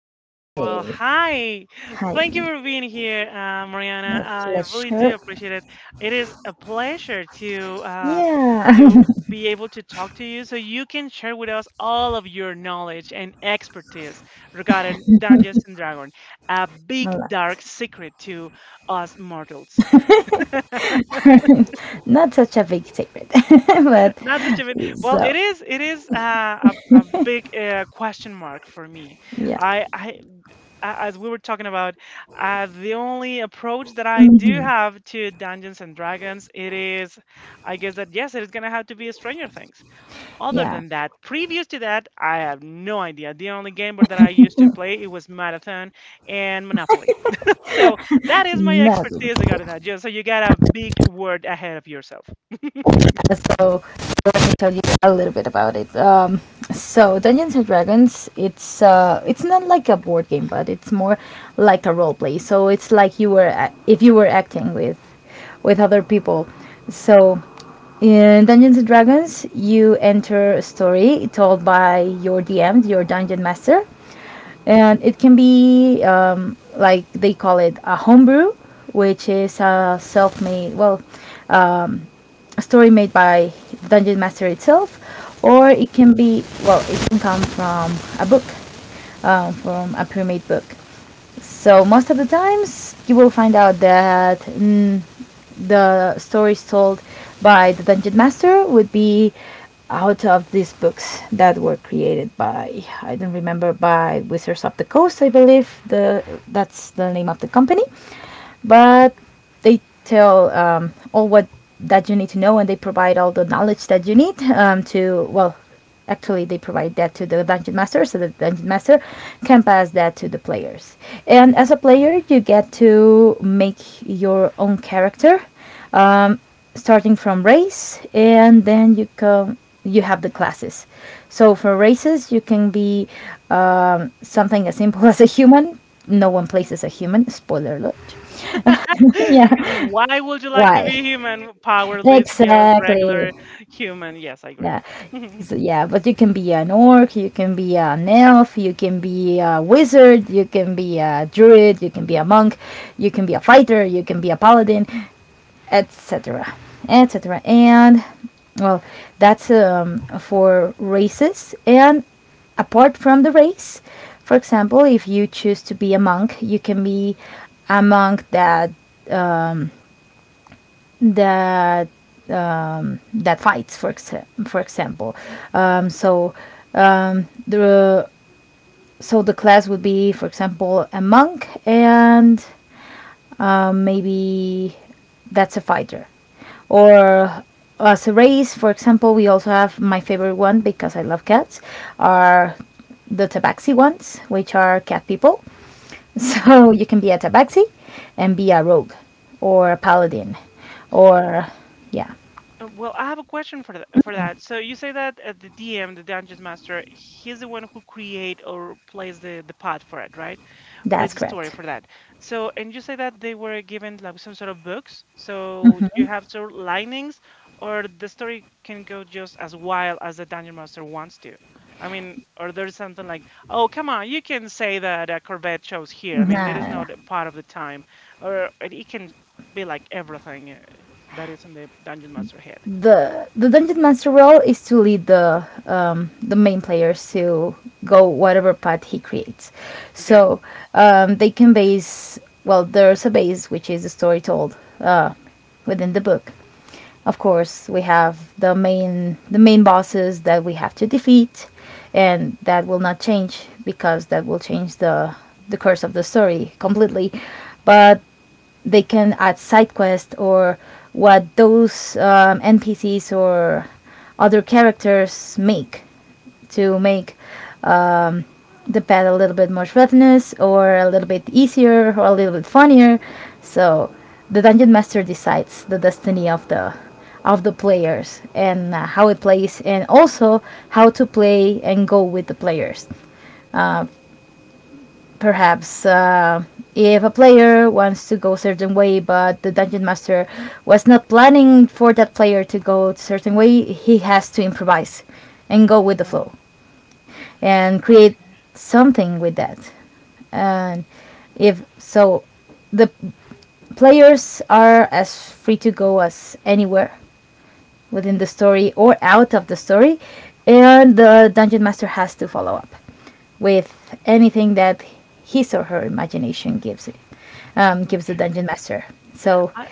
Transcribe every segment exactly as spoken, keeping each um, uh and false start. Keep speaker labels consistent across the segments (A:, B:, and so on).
A: Okay, well,
B: Okay.
A: hi.
B: Hi.
A: Thank you for being here, uh,
B: My
A: Mariana. I really do
B: pleasure.
A: appreciate it. It is a pleasure to uh,
B: Yeah.
A: to be able to talk to you, so you can share with us all of your knowledge and expertise regarding Dungeons and Dragons, a
B: A
A: big
B: lot.
A: dark secret to us mortals.
B: Not such a big secret, but
A: Not such a bit. Well,
B: so
A: it is. It is uh, a a big uh, question mark for me.
B: yeah.
A: I, I a- as we were talking about, uh, the only approach that I do
B: hmm
A: have to Dungeons and Dragons, it is, I guess that yes, it is gonna have to be Stranger Things. Other
B: Yeah.
A: than that, previous to that, I have no idea. The only game board that I used to play it was Marathon and Monopoly. So that is my
B: Not.
A: expertise. I gotta know. Just so you got a big word ahead of yourself.
B: so Let me tell you a little bit about it. Um, so Dungeons and Dragons, it's uh, it's not like a board game, but it's more like a role play. So it's like you were a- if you were acting with with other people. So in Dungeons and Dragons, you enter a story told by your D M, your dungeon master,
A: Mhm,
B: and it can be um, like they call it a homebrew, which is a self-made, well, um, a story made by Dungeon Master itself, or it
A: mhm,
B: can be, well, it can come from a book, um, from a pre-made book. So most of the times you will find out that mm, the stories told by the dungeon master would be out of these books that were created by, I don't remember, by Wizards of the Coast, I believe the that's the name of the company. But they tell um, all what that you need to know, and they provide all the knowledge that you need, um, to well actually they provide that to the dungeon master so the dungeon master can pass that to the players. And as a player you get to make your own character, um, starting from race, and then you come you have the classes. So for races you can be um, something as simple as a human. No one
A: mhm.
B: plays as a human, spoiler alert.
A: Because
B: Yeah.
A: why would you like to
B: Right.
A: be human? Powerless, just
B: Exactly.
A: regular human. Yes, I agree.
B: Yeah. So, yeah, but you can be an orc, you can be an elf, you can be a wizard, you can be a druid, you can be a monk, you can be a fighter, you can be a paladin, etc, etc. And well, that's um, for races. And apart from the race, for example, if you choose to be a monk, you can be a monk that that um, that fights, for exa- for example. Um, so um, the so the class would be, for example, a monk, and um, maybe that's a fighter, or as a race, for example, we also have my favorite one, because I love cats, are the tabaxi ones, which are cat people.
A: Mhm.
B: So you can be a tabaxi and be a rogue or a paladin or yeah.
A: Uh, Well, I have a question for that, for that. So you say that uh, the D M, the Dungeon Master, he's the one who create or plays the the path for it, right? Plays
B: That's
A: the story
B: correct.
A: for that. So and you say that they were given like some sort of books. So you have sort of linings, or the story can go just as wild as the Dungeon Master wants to. I mean, or there's something like, oh, come on, you can say that a Corvette shows here. I mean, there
B: Nah,
A: is
B: nah,
A: no uh,
B: nah.
A: part of the time, or it it can be like everything. uh, That is in the Dungeon Master head.
B: the the dungeon master role is to lead the um, the main players to go whatever path he creates.
A: Okay.
B: So um, they can base, well, there's a base, which is the story told uh, within the book. Of course, we have the main the main bosses that we have to defeat, and that will not change because that will change the the course of the story completely. But they can add side quests or what those um, N P Cs or other characters make to make the pet a little bit more revenous or a little bit easier or a little bit funnier. So the dungeon master decides the destiny of the of the players, and uh, how it plays, and also how to play and go with the players. Perhaps uh, if a player wants to go a certain way but the dungeon master was not planning for that player to go a certain way, he has to improvise and go with the flow
A: Oh,
B: and create
A: okay,
B: something with that. And if so, the players are as free to go as anywhere within the story or out of the story, and the dungeon master has to follow up with anything that his or her imagination gives it, um, gives the
A: okay.
B: dungeon master. So,
A: I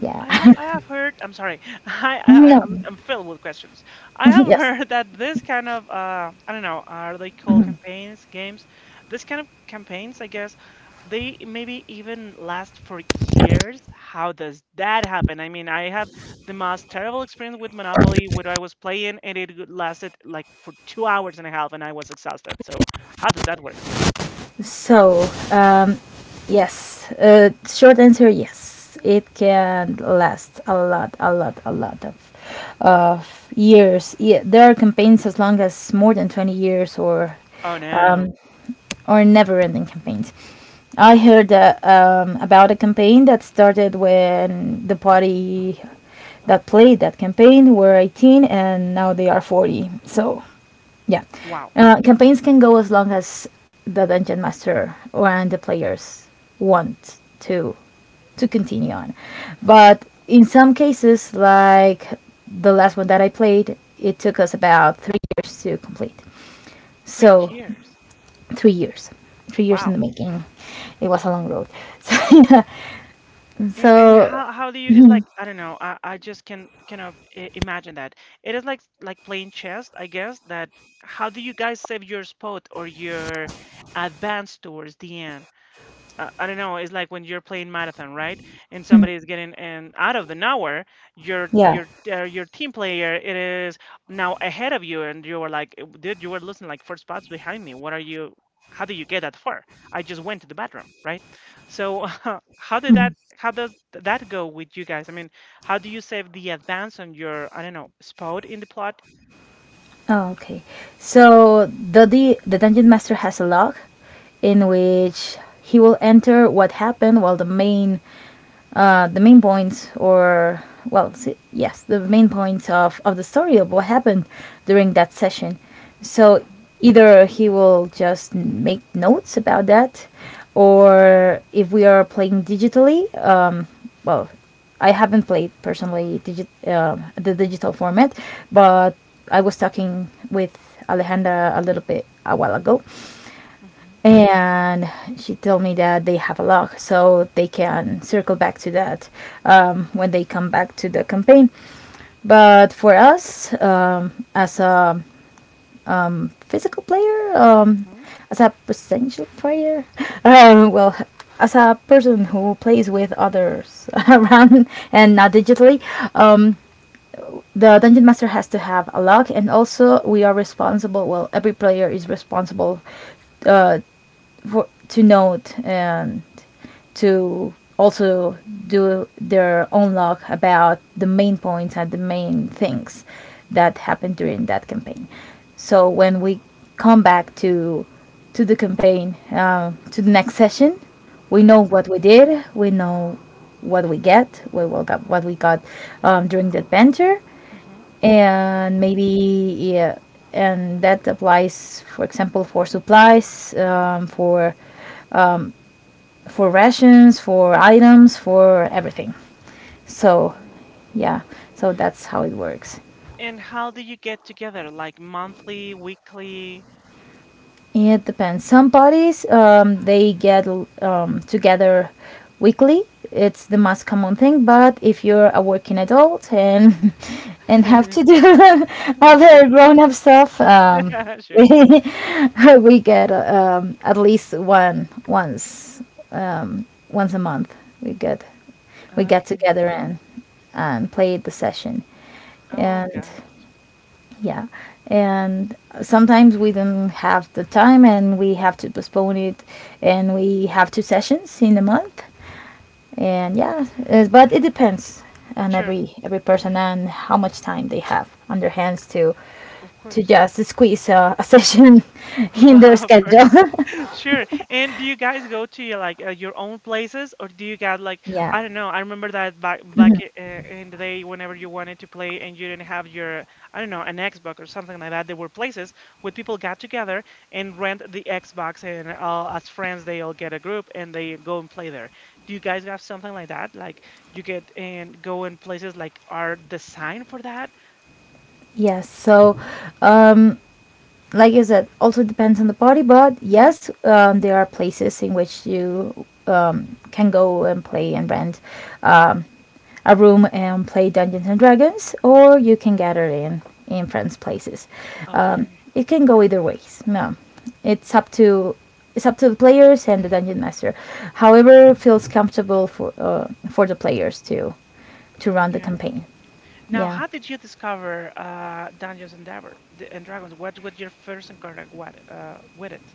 B: yeah.
A: I ha I have heard. I'm sorry. I, I I-
B: No.
A: I'm I'm filled with questions. I have
B: Yes.
A: heard that this kind of uh I don't know, are they called campaigns games? This kind of campaigns, I guess, they maybe even last for years. How does that happen? I mean, I have the most terrible experience with Monopoly where I was playing and it lasted like for two hours and a half and I was exhausted. So how does that work?
B: So, um, yes, uh, short answer yes. It can last a lot, a lot, a lot of, of years. Yeah, there are campaigns as long as more than twenty years, or,
A: Oh no.
B: or never ending campaigns. I heard uh, um, about a campaign that started when the party that played that campaign were eighteen and now they are forty. So, yeah.
A: Wow,
B: Uh, campaigns can go as long as the dungeon master or and the players want to to continue on. But in some cases, like the last one that I played, it took us about three years to complete.
A: three
B: So
A: years.
B: three years, three years in
A: Wow.
B: the making. It was a long road.
A: And and
B: So yeah.
A: how how do you? It's like I don't know. I I just can kind of i- imagine that it is like like playing chess. I guess that how do you guys save your spot or your advance towards the end? I, I don't know. It's like when you're playing marathon, right? And
B: So mm,
A: somebody is getting and out of the nowhere, your
B: yeah.
A: your uh, your team player it is now ahead of you, and you were like, "Uh, dude, you were losing like four spots behind me. What are you? How did you get that far? I just went to the bathroom, right?" So how did that? How does th- that go with you guys? I mean, how do you save the advance on your I don't know spot in the plot?
B: Oh, okay. So the, the the dungeon master has a log in which he will enter what happened while the main uh, the main points or well s- yes, the main points of, of the story of what happened during that session. So either he will just n- make notes about that, or if we are playing digitally, um, well I haven't played personally, digi- uh, the digital format, but I was talking with Alejandra a little bit a while ago,
A: Mm-hmm.
B: and she told me that they have a log so they can circle back to that um, when they come back to the campaign. But for us um, as a physical player, um,
A: Mm-hmm.
B: as a potential player, um, well as a person who plays with others around and not digitally, um, the dungeon master has to have a log, and also we are responsible, well, every player is responsible uh, for to note and to also do their own log about the main points and the main things that happened during that campaign. So when we come back to to the campaign, uh, to the next session, we know
A: Uh-huh.
B: what we did, we know what we get, we will got what we got um, during the adventure,
A: Mm-hmm.
B: and maybe yeah, and that applies, for example, for supplies, um, for for rations, for items, for everything. So, yeah, so that's how it works.
A: And how do you get together? Like monthly, weekly?
B: It depends. Some parties um, they get um, together weekly. It's the most common thing. But if you're a working adult and and have to
A: Sure.
B: do other grown-up stuff, um,
A: Sure.
B: we we get um, at least one once um, once a month. We get we got
A: Okay.
B: together and um, played the session,
A: Oh,
B: and
A: got it.
B: yeah, and sometimes we don't have the time and we have to postpone it, and we have two sessions in a month. And yeah, uh, but it depends on
A: Sure.
B: every every person and how much time they have on their hands to
A: Of
B: to
A: course.
B: just squeeze a, a session in their
A: Of
B: schedule.
A: course. Sure. And do you guys go to your, like uh, your own places, or do you got like
B: Yeah.
A: I don't know? I remember that back back i- uh, in the day, whenever you wanted to play and you didn't have your I don't know an Xbox or something like that. There were places where people got together and rent the Xbox, and all as friends they all get a group and they go and play there. Do you guys have something like that? Like you get and go in places like are designed for that?
B: Yeah. So um, like I said, also depends on the body, but
A: Hmm.
B: yes, um, there are places in which you um, can go and play and rent um, a room and play Dungeons and Dragons, or you can gather in in friends' places. Um,
A: Okay.
B: it can go either ways. No, it's up to it's up to the players and the dungeon master. However, feels comfortable for uh, for the players to to run the
A: Okay.
B: campaign.
A: Now,
B: Yeah.
A: how did you discover uh, Dungeons and Draver- D- and Dragons? What was your first encounter what, uh, with it?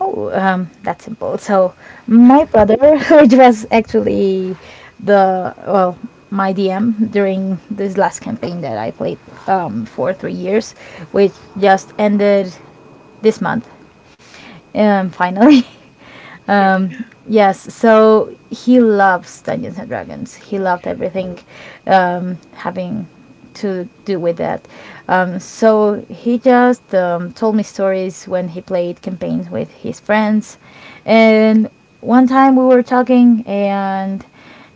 B: Oh, um, that's simple. So, my brother, which was actually the well, my D M during this last campaign that I played um, for three years, which just ended this month, um, finally.
A: Sure.
B: Um, yes, so he loves Dungeons and Dragons. He loved
A: Okay.
B: everything um, having to do with that. Um, so he just um, told me stories when he played campaigns with his friends. And one time we were talking, and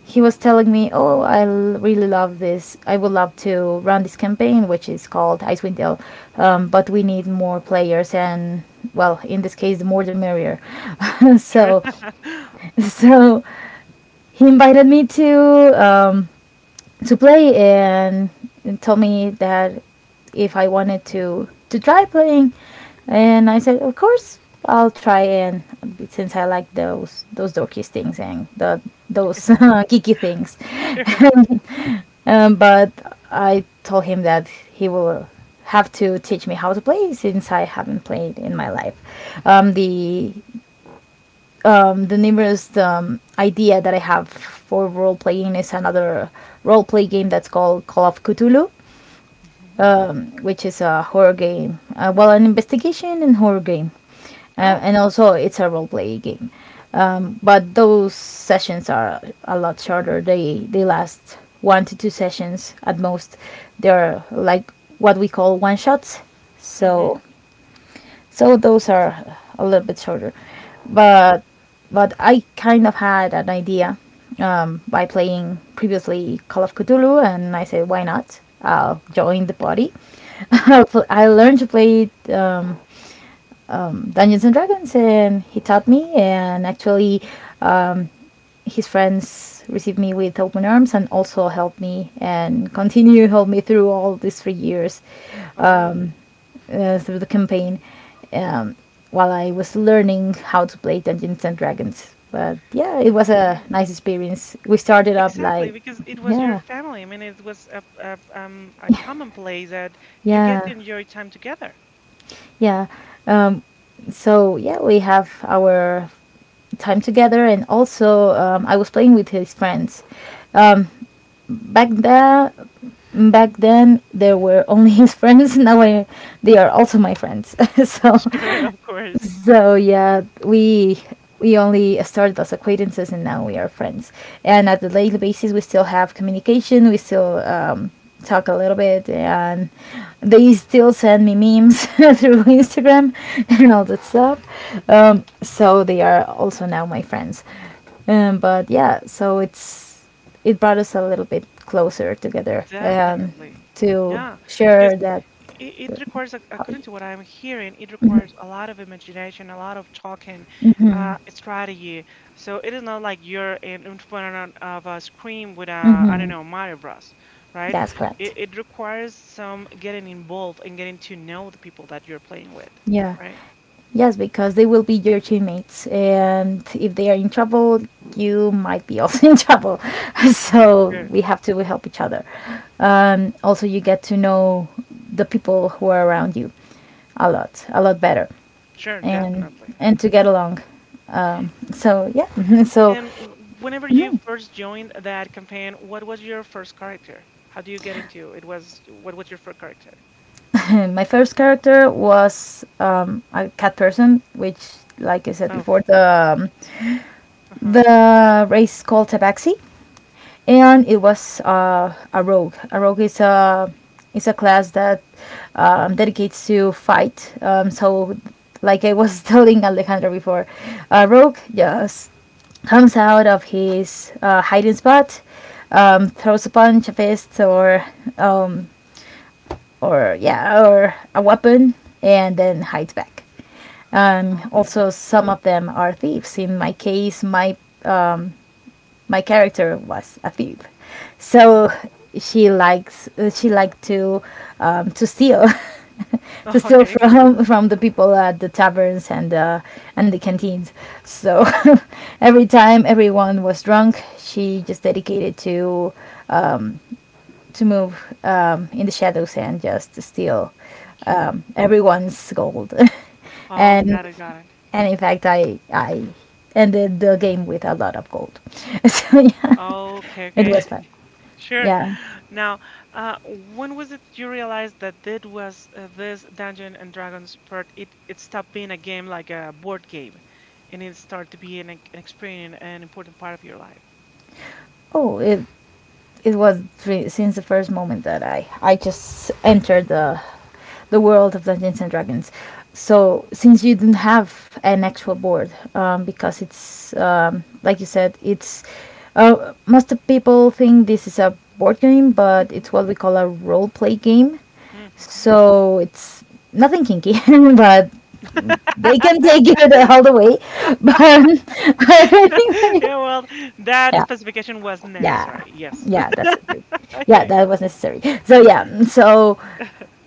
B: he was telling me, "Oh, I l- really love this. I would love to run this campaign, which is called Icewind Dale, um, but we need more players, and well, in this case, the more the merrier."
A: Sure.
B: so, so he invited me to um, to play, and told me that if I wanted to to try playing, and I said, of course, I'll try. And since I like those those dorky things and the those geeky things,
A: Sure.
B: um, but I told him that he will have to teach me how to play since I haven't played in my life. Um, the um, the nearest um, idea that I have for role playing is another role play game that's called Call of Cthulhu,
A: Hmm.
B: um, which is a horror game. Uh, well, an investigation and horror game, uh,
A: Oh.
B: and also it's a role play game. Um, but those sessions are a lot shorter. They they last one to two sessions at most. They're like what we call one shots.
A: Hmm.
B: So so those are a little bit shorter,
A: Okay.
B: but but I kind of had an idea um, by playing previously Call of Cthulhu, and I said, why not? I'll join the party. I'll
A: Hmm.
B: pl- I learned to play um, um, Dungeons and Dragons, and he taught me. And actually, um, his friends received me with open arms and also helped me and continue help me through all these three years.
A: Oh.
B: Um, uh, Through the campaign um, while I was learning how to play Dungeons and Dragons. But yeah, it was a
A: Okay.
B: nice experience. We started up
A: Exactly,
B: like,
A: because it was your
B: yeah,
A: family. I mean, it was a, a um a common place that you get to
B: yeah,
A: enjoy time together.
B: yeah. Um, so yeah, we have our time together, and also um, I was playing with his friends. Um, back then, back then there were only his friends. Now I, they are also my friends. so
A: Sure, of course.
B: So yeah, we we only started as acquaintances and now we are friends. And at the daily basis, we still have communication. We still um, talk a little bit, and they still send me memes through Instagram and all that stuff. Um, so they are also now my friends. Um, but yeah, so it's it brought us a little bit closer together um,
A: Definitely.
B: to
A: Yeah, because
B: share that
A: it, it
B: that
A: requires, ac-
B: hobby.
A: according to what I'm hearing, it requires a lot of imagination, a lot of talking, uh, strategy. So it is not like you're in, in front of a screen with a, I don't know, Mario Bros, right?
B: That's correct.
A: It, it requires some getting involved and getting to know the people that you're playing with,
B: Yeah.
A: right?
B: Yes, because they will be your teammates, and if they are in trouble, you might be also in trouble. So
A: Sure.
B: we have to help each other. Um, also, you get to know the people who are around you a lot, a lot better,
A: Sure,
B: and
A: definitely.
B: and to get along. Um, so yeah, so
A: And w- whenever you first joined that campaign, what was your first character? How do you get into it? Was what was your first character?
B: my first character was um, a cat person, which, like I said
A: Oh,
B: before, the um,
A: uh huh.
B: the race called Tabaxi and it was uh, a rogue. A rogue is a is a class that um, dedicates to fight. Um, so, like I was telling Alejandro before, a rogue just comes out of his uh, hiding spot, um, throws a punch, a fist, or um, or yeah, or a weapon, and then hides back. Um,
A: Okay,
B: also,
A: okay.
B: some of them are thieves. In my case, my uh, my character was a thief, so
A: Um,
B: she likes uh, she liked to um, to steal to steal
A: okay, okay,
B: from from the people at the taverns and uh, and the canteens. So every time everyone was drunk, she just dedicated to to move um, in the shadows and just steal
A: okay.
B: um, everyone's gold.
A: Oh,
B: and
A: got it, got it.
B: and in fact, I I ended the game with a lot of gold. So yeah,
A: Okay,
B: it
A: okay.
B: was fun.
A: Sure.
B: Yeah.
A: Now, uh, when was it you realized that this was uh, this Dungeon and Dragons part? It it stopped being a game like a board game, and it started to be an, ex- an experience, an important part of your life.
B: Oh, it it was re- since the first moment that I I just
A: Uh-huh.
B: entered the the world of Dungeons and Dragons. So since you didn't have an actual board, um, because it's um, like you said, it's uh, most of people think this is a board game, but
A: Hmm.
B: it's what we call a role play game.
A: Hmm.
B: So it's nothing kinky, but they can take it all the way. But anyway,
A: Yeah, well, that
B: yeah.
A: specification was
B: Yeah,
A: necessary. Yes.
B: yeah, that's it. Yeah,
A: Okay.
B: that was necessary. So yeah, mm, so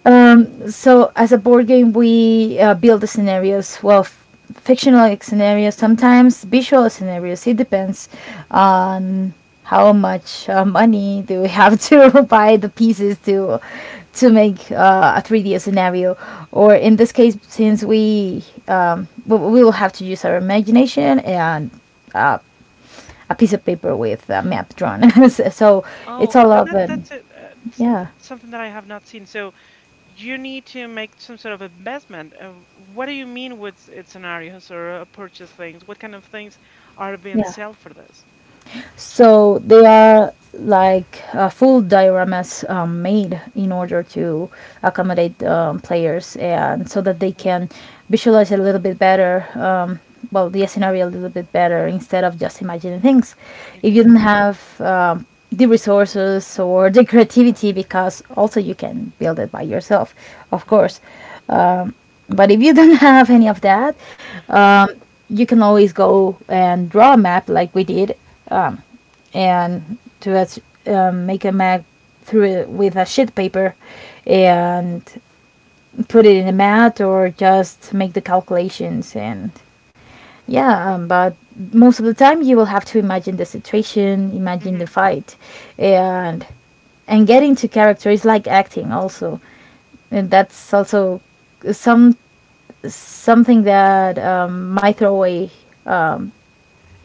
B: um, so as a board game, we uh, build the scenarios. Well, f- fictional scenarios, sometimes visual scenarios. It depends on how much uh, money do we have to buy the pieces to to make uh, a three D scenario. Or in this case, since we um, we we will have to use our imagination and uh, a piece of paper with a map drawn. So
A: Oh,
B: it's
A: uh,
B: all
A: that,
B: of
A: that-
B: um,
A: that's it. Uh, s- th-
B: yeah,
A: something that I have not seen. So you need to make some sort of investment. Uh, what do you mean with s- uh, scenarios or uh, purchase things? What kind of things are being
B: yeah.
A: sold for this?
B: So they are like uh, full dioramas um, made in order to accommodate um, players and so that they
A: Uh,
B: can visualize a little bit better. Um, well, the scenario a little bit better instead of just imagining things. If you
A: Okay.
B: don't have um, the resources or the creativity, because also you can build it by yourself, of
A: Uh-huh.
B: course. Um, but if you don't have any of that,
A: Uh-huh.
B: um, you can always go and draw a map like we did um, and to us, um, make a mat through it with a sheet paper and put it in a mat or just make the calculations and yeah um, but most of the time you will have to imagine the situation, imagine the
A: Mhm.
B: fight and and get into character. Is like acting also, and that's also some something that um, my throwaway um,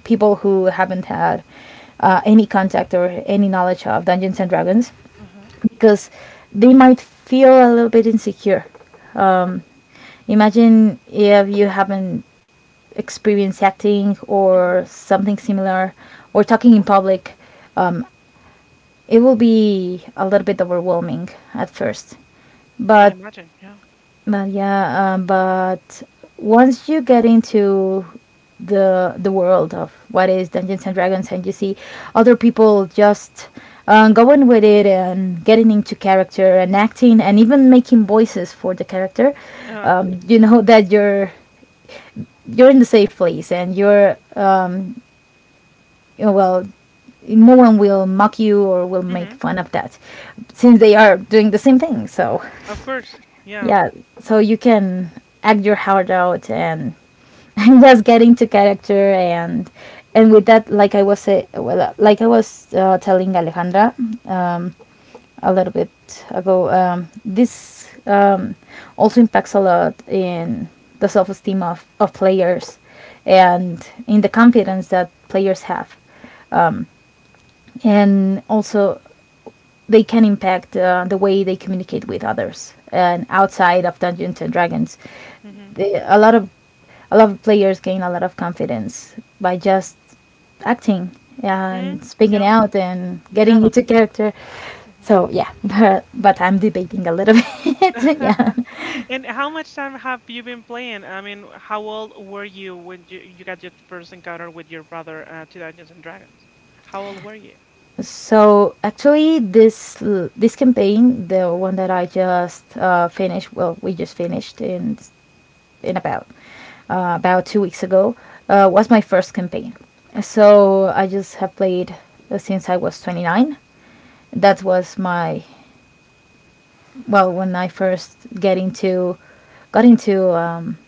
B: people who haven't had uh, any contact or any knowledge of Dungeons and Dragons
A: Uh-huh.
B: because they might feel a little bit insecure. Um, imagine if you haven't experienced acting
A: Mhm.
B: or something similar or talking in public. Um, it will be a little bit overwhelming at first.
A: I
B: But
A: imagine. Yeah.
B: But yeah, um, but once you get into the the world of what is Dungeons and Dragons, and you see other people just um, going with it and getting into character and acting and even making voices for the character,
A: Uh,
B: um, you know that you're you're in the safe place and you're um, you know, well, no one will mock you or will make
A: mhm.
B: fun of that, since they are doing the same thing. So
A: Of course. Yeah.
B: yeah, so you can act your heart out and, and just get into character and and with that, like I was say, well, uh, like I was uh, telling Alejandra um, a little bit ago, um, this um, also impacts a lot in the self-esteem of, of players and in the confidence that players have, and also they can impact uh, the way they communicate with others and outside of Dungeons and Dragons.
A: Mhm.
B: They, a lot of A lot of players gain a lot of confidence by just acting and
A: Mhm.
B: speaking
A: Yeah.
B: out and getting
A: Develop.
B: into character.
A: Mm-hmm.
B: So yeah, but, but I'm debating a little bit. Yeah.
A: And how much time have you been playing? I mean, how old were you when you, you got your first encounter with your brother uh, to Dungeons and Dragons? How old were you?
B: So actually, this l- this campaign, the one that I just uh, finished, well, we just finished in in about uh, about two weeks ago, uh, was my first campaign. So I just have played uh, since I was twenty-nine. That was my well when I first get into got into um,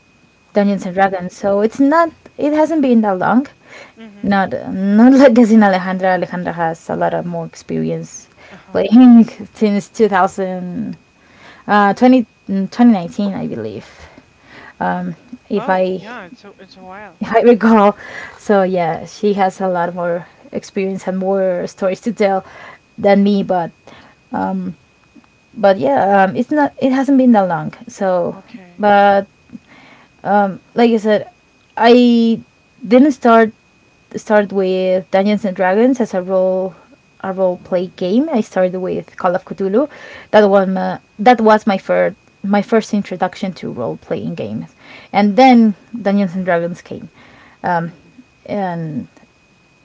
B: Dungeons and
A: Hmm.
B: Dragons. So it's not it hasn't been that long.
A: Hmm.
B: Not not like as in Alejandra. Alejandra has a lot of more experience
A: Uh-huh.
B: playing since 2000, uh, 20, mm, twenty nineteen, I believe. Um, if
A: Oh,
B: I
A: yeah, it's a, it's a while.
B: if I recall, so yeah, she has a lot more experience and more stories to tell than me. But but yeah, um, it's not it hasn't been that long. So
A: Okay.
B: but um, like I said, I didn't start start with Dungeons and Dragons as a role a role play game. I started with Call of Cthulhu. That one uh, that was my first my first introduction to role playing games, and then Dungeons and Dragons came. Um,
A: Hmm.
B: and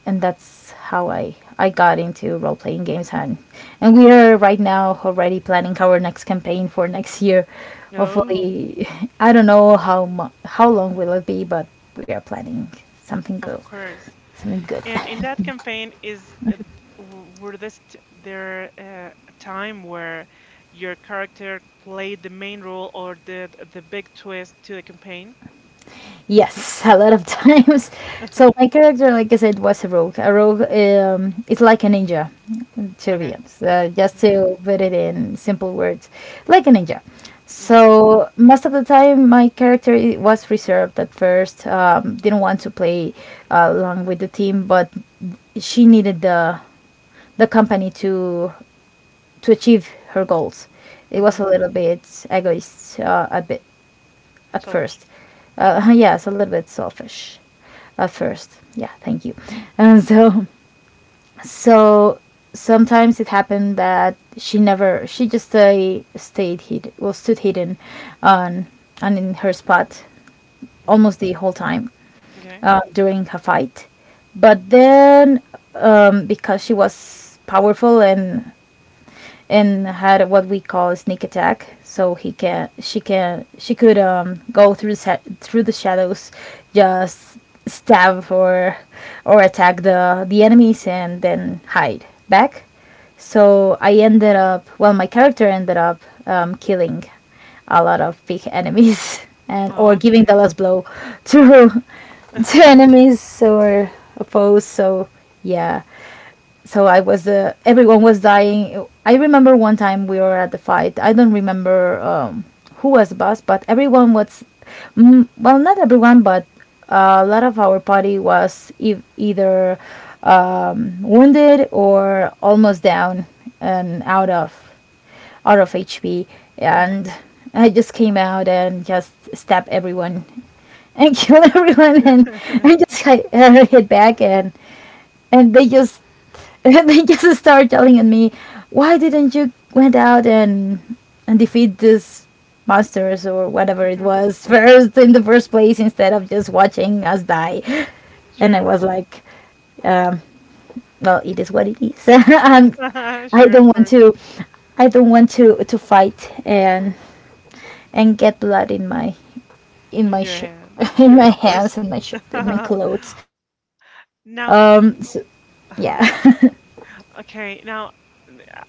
B: and that's how I I got into role playing games and and we are right now already planning our next campaign for next year.
A: Oh,
B: Hopefully, I don't know how mu- how long will it be, but we are planning something
A: of
B: good,
A: course.
B: something good.
A: And in that campaign is uh, w- were this t there uh, a time where your character played the main role or the the big twist to the campaign?
B: Yes, a lot of times. So my character, like I said, was a rogue. A rogue um, is like a ninja, to be
A: Okay.
B: honest. Uh, just
A: Hmm.
B: to put it in simple words, like a ninja.
A: Okay.
B: So most of the time, my character i- was reserved at first. Um, didn't want to play uh, along with the team, but she needed the the company to to achieve her goals. It was a
A: Mhm.
B: little bit egoist uh, a bit at
A: Shellfish?
B: first. Uh, yes, a little bit selfish at first. Yeah, thank you. And so, so sometimes it happened that she never, she just uh, stayed hid, well, stood hidden on, and in her spot
A: Mm,
B: almost the whole time
A: okay.
B: uh, during her fight. But then, um, because she was powerful and and had what we call a sneak attack, so he can she can she could um go through sa- through the shadows, just stab or or attack the the enemies and then hide back. So I ended up well my character ended up um, killing a lot of big enemies and
A: Oh,
B: or giving the
A: okay.
B: last blow to to enemies or foes. So yeah, so I was uh, everyone was dying. I remember one time we were at the fight. I don't remember um, who was the boss, but everyone was mm, well, not everyone, but a lot of our party was e- either um, wounded or almost down and out of out of H P. And
A: Mhm.
B: I just came out and just stabbed everyone and killed everyone, and I just like, uh, hit back, and and they just they just start yelling at me, "Why didn't you went out and and defeat these monsters or whatever it was first in the first place instead of just watching us die?" And I
A: Sure.
B: was like, um, "Well, it is what it is. I'm, I I
A: Sure,
B: do
A: of
B: not want
A: course.
B: to, I don't want to to fight and and get blood in my in
A: In
B: my
A: your
B: shirt,
A: hand.
B: in
A: Sure, of
B: my
A: course.
B: hands, in my shirt, in my clothes." So,
A: Now,
B: um, so yeah,
A: okay, now, n- uh,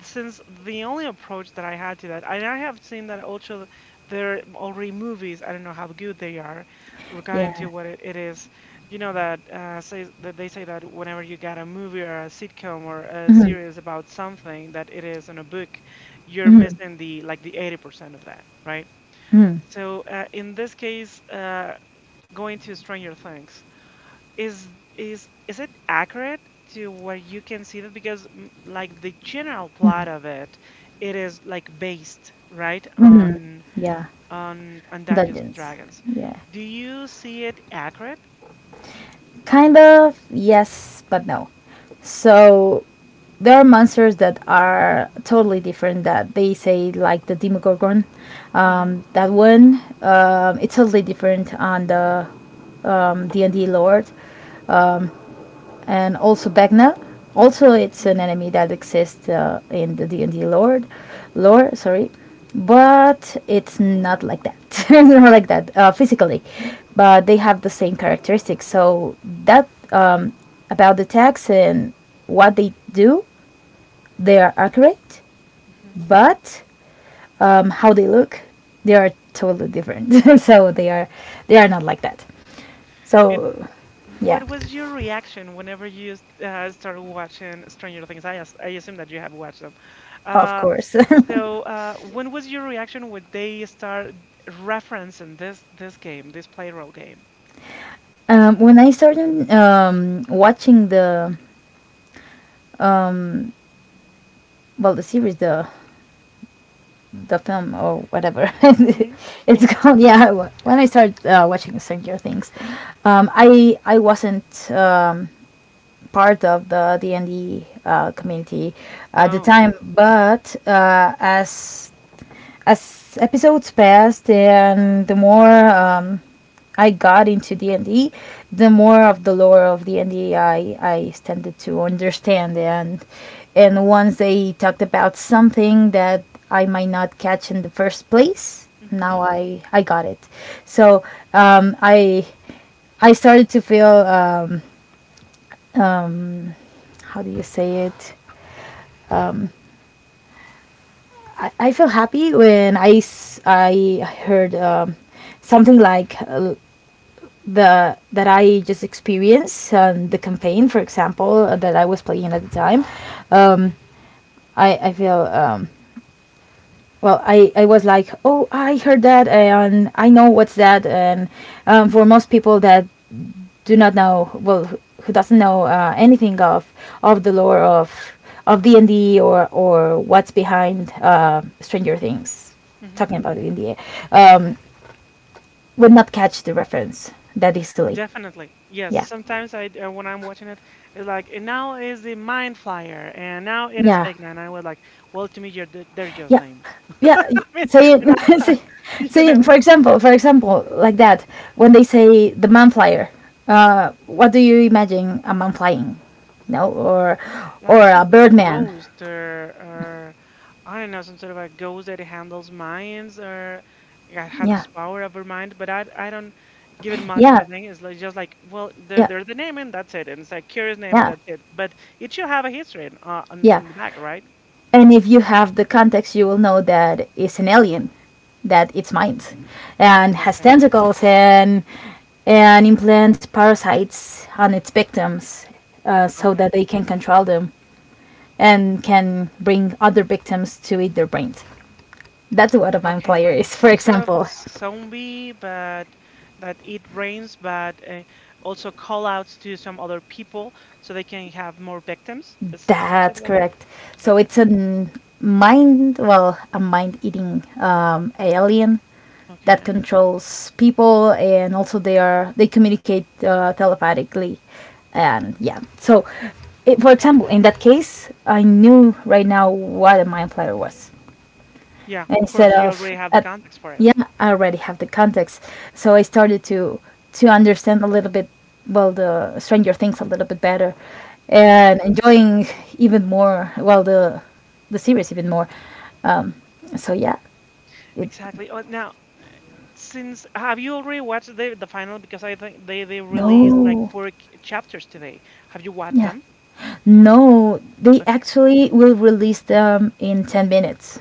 A: since the only approach that I had to that, and I have seen that also there are already movies. I don't know how good they are regarding to
B: yeah,
A: what it, it is. You know that uh, says that they say that whenever you get a movie or a sitcom or a series about something that it is in a book, you're missing the like the eighty percent of that, right? So uh, in this case, uh, going to Stranger Things is is is it accurate to where you can see that because mm, like the general plot of it it is like based right on
B: yeah.
A: on on Dungeons and
B: Dungeons.
A: Dragons,
B: Yeah.
A: do you see it accurate?
B: Kind of, yes, but no. So there are monsters that are totally different that they say, like the Demogorgon.
A: Hmm.
B: Um, that one, um, it's totally different on the um, D and D lore. And also Begna. Also, it's an
A: Hmm.
B: enemy that exists uh, in the D and D lore, lore, sorry, but it's not like that. Not like that uh, physically, but they have the same characteristics. So that um, about the attacks and what they do, they are accurate,
A: Hmm.
B: but um, how they look, they are totally different. So they are they are not like that.
A: And
B: So yeah,
A: what was your reaction whenever you uh, started watching Stranger Things? I, as- I assume that you have watched them.
B: of
A: Uh,
B: course.
A: so uh, when was your reaction when they start referencing this this game, this play role game?
B: Um, when I started um, watching the well the series the the film or whatever
A: Mhm.
B: it's
A: Yeah.
B: called, yeah, wh- when I started uh, watching Stranger Things, um, I I wasn't um, part of the D and D uh, community at the
A: No.
B: time,
A: Mhm.
B: but uh, as as episodes passed and the more um, I got into D and D, the more of the lore of d and D I, I tended to understand. And, and once they talked about something that I might not catch in the first place,
A: Mhm.
B: now I, I got it. So um, I, I started to feel, um, um, how do you say it? I, I feel happy when I, s- I heard um, something like uh, the that I just experienced um, the campaign, for example, uh, that I was playing at the time. um, I I feel um, well. I I was like, oh, I heard that, and I know what's that, and um, for most people that do not know, well, who- who doesn't know uh, anything of of the lore of of D and D, or or what's behind uh, Stranger Things, talking
A: Mhm.
B: about it in the air, um, would not catch the reference that easily.
A: Definitely. Yes.
B: Yeah,
A: Sometimes I uh, when I'm watching it, it's like and now is the Mind Flyer and now it is
B: yeah.
A: Big Nine. I was like, well, to me, you're, they're just
B: Yeah,
A: names.
B: yeah,
A: I
B: y-
A: mean,
B: say
A: and
B: it.
A: I,
B: Say,
A: you
B: say it.
A: know.
B: For example, for example, like that, when they say the man flyer, uh what do you imagine? A man flying? No? Or
A: Yeah, like
B: or
A: some
B: a
A: sort of a
B: birdman?
A: ghost, or, or I don't know, some sort of a ghost that handles minds, or yeah,
B: Yeah,
A: has power over mind. But I, I don't give it much of
B: yeah,
A: a thing. It's like, just like, well, they're,
B: yeah,
A: they're the name and that's it, and it's like curious name and
B: yeah,
A: that's it. But it should have a history in- uh, on
B: yeah.
A: on the back, right?
B: And if you have the context you will know that it's an alien, that it's mind and has
A: Okay,
B: tentacles, and and implants parasites on its victims, uh, so
A: okay,
B: that they can control them, and can bring other victims to eat their brains. That's what a
A: okay.
B: vampire
A: Like
B: is, for
A: some sort of
B: example.
A: zombie, but that it rains, but uh, also call outs to some other people so they can have more victims. Is some sort
B: That's
A: of like that?
B: correct. So
A: Okay,
B: it's a n- mind, well, a mind eating um, alien that
A: okay.
B: controls people, and also they are they communicate uh, telepathically. And yeah, so it, for example, in that case I knew right now what a mind flayer was,
A: Yeah, of
B: instead
A: course, you
B: of
A: already have the
B: at,
A: context for it.
B: yeah, I already have the context, so I started to to understand a little bit, well, the Stranger Things a little bit better,
A: Hmm.
B: and enjoying even more, well, the the series even more. So yeah, it,
A: Exactly. Uh, now, since have you already watched the the final? Because I think they they released like
B: no,
A: four c- chapters today. Have you watched
B: yeah,
A: them?
B: no, they actually will release them in ten minutes.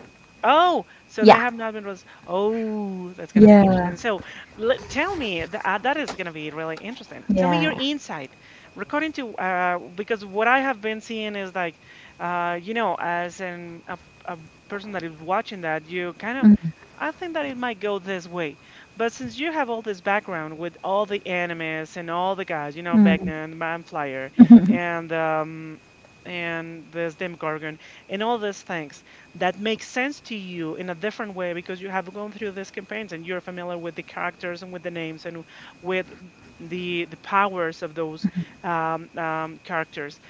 A: Oh, so they
B: Yeah.
A: have not been released. Oh, that's gonna be
B: Yeah.
A: interesting. So, le- tell me th- uh, that is gonna be really interesting. Tell me your
B: Yeah,
A: insight regarding to uh, because what I have been seeing is like, uh, you know, as an a, a person that is watching that, you kind of, I think that it might go this way. But since you have all this background with all the animes and all the guys, you know, Beckman, Manflyer, and um, and this Demogorgon, and all these things that makes sense to you in a different way because you have gone through these campaigns and you're familiar with the characters and with the names and with the the powers of those um, um, characters.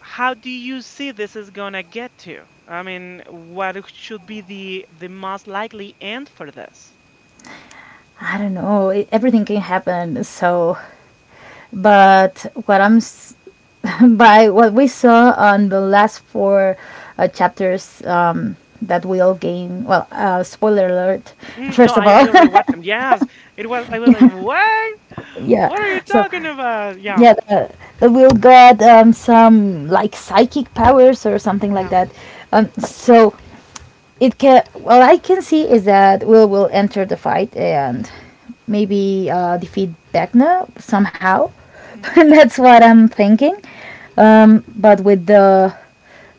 A: How do you see this is gonna get to? I mean, what should be the the most likely end for this?
B: I don't know it, everything can happen, so but what i'm s- by what we saw on the last four uh, chapters, um, that will gain, well, uh, spoiler alert.
A: Mm, no,
B: First of
A: I, I
B: all,
A: already watched them. Yes, it was. I was like, what?
B: yeah,
A: What are you
B: so
A: talking about? Yeah,
B: yeah, the, the Will got um, some like psychic powers or something like
A: yeah.
B: that. Um, so it can. What I can see is that Will will enter the fight and maybe uh, defeat Vecna somehow. That's what I'm thinking. Um, but with the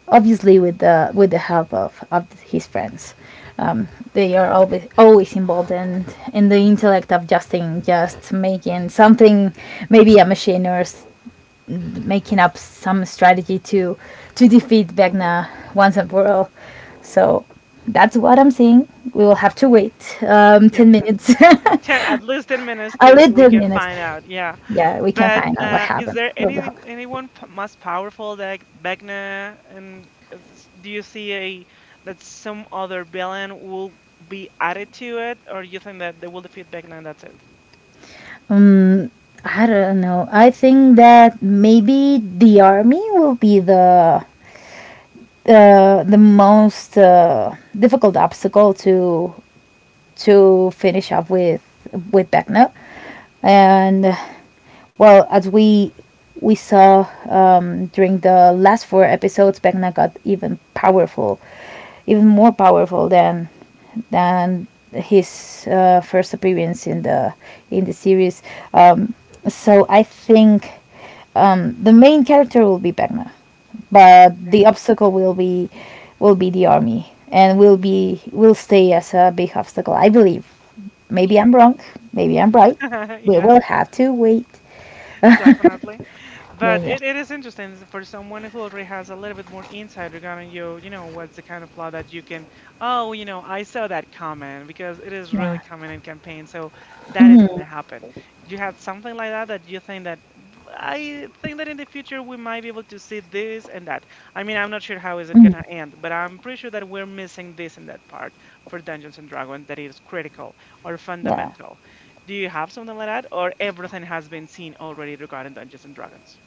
B: obviously with the with the help of, of his friends, um, they are always always involved in in the intellect of Justin, just making something, maybe a machine or s- making up some strategy to to defeat Vecna once and for all. So that's what I'm seeing. We will have to
A: Hmm.
B: wait um,
A: Yes,
B: ten minutes,
A: definitely.
B: a
A: ten, at least ten minutes too,
B: little
A: so we
B: ten
A: can
B: minutes.
A: find out. Yeah,
B: Yeah, we can
A: but
B: find out what
A: uh is
B: happened.
A: there
B: What will
A: any
B: happen.
A: anyone p- más powerful that Vecna, and it's- do you see a that some other villain will be added to it, or you think that they will defeat Vecna and that's it?
B: Um, I don't know. I think that maybe the army will be the uh, the most uh, difficult obstacle to to finish up with with Beckner, and uh, well, as we we saw um, during the last four episodes, Beckner got even powerful, even more powerful than than his uh, first appearance in the in the series. Um, so I think um, the main character will be Beckner, but
A: Okay.
B: the obstacle will be will be the army, and will be, will stay as a big obstacle, I believe. Maybe I'm
A: Okay.
B: wrong, maybe I'm right. We
A: Yeah.
B: will have to wait.
A: Definitely.
B: Yeah,
A: But
B: yeah.
A: it, it is interesting s- for someone who already has a little bit more insight regarding you, you know, what's the kind of plot that you can, oh, you know, I saw that coming because it is really
B: Yeah,
A: coming in campaign. So that is going to happen. You had something like that that you think that "W- I think that in the future we might be able to see this and that. I mean, I'm not sure how is it going to end, but I'm pretty sure that we're missing this and that part for Dungeons and Dragons that is critical or
B: yeah.
A: fundamental. Do you have something like that, or everything has been seen already regarding Dungeons and Dragons?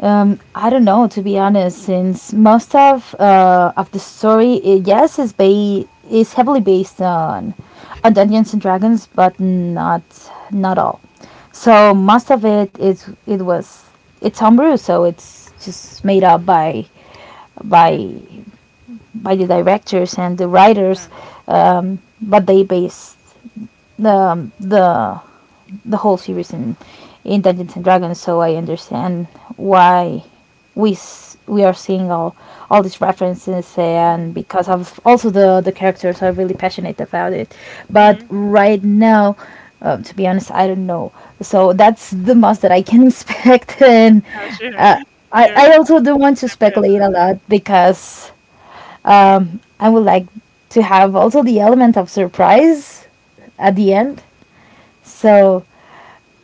B: um I don't know, to be honest. Since most of uh of the story, I, yes, is ba- is heavily based on on Dungeons and Dragons, but not not all. So most of it is, it was, it's homebrew, so it's just made up by by
A: Mm-hmm.
B: by the directors and the writers,
A: Uh,
B: um, but they based the the the whole series in in Dungeons and Dragons. So I understand why we s- we are seeing all all these references, and
A: mm-hmm.
B: because of also the the characters are really passionate about it. But
A: Mm-hmm.
B: right now. Um, to be honest, I don't know. So that's the most that I can expect, and
A: Uh, sure.
B: uh, I,
A: You're
B: I also don't want to speculate a lot because um, I would like to have also the element of surprise at the end. So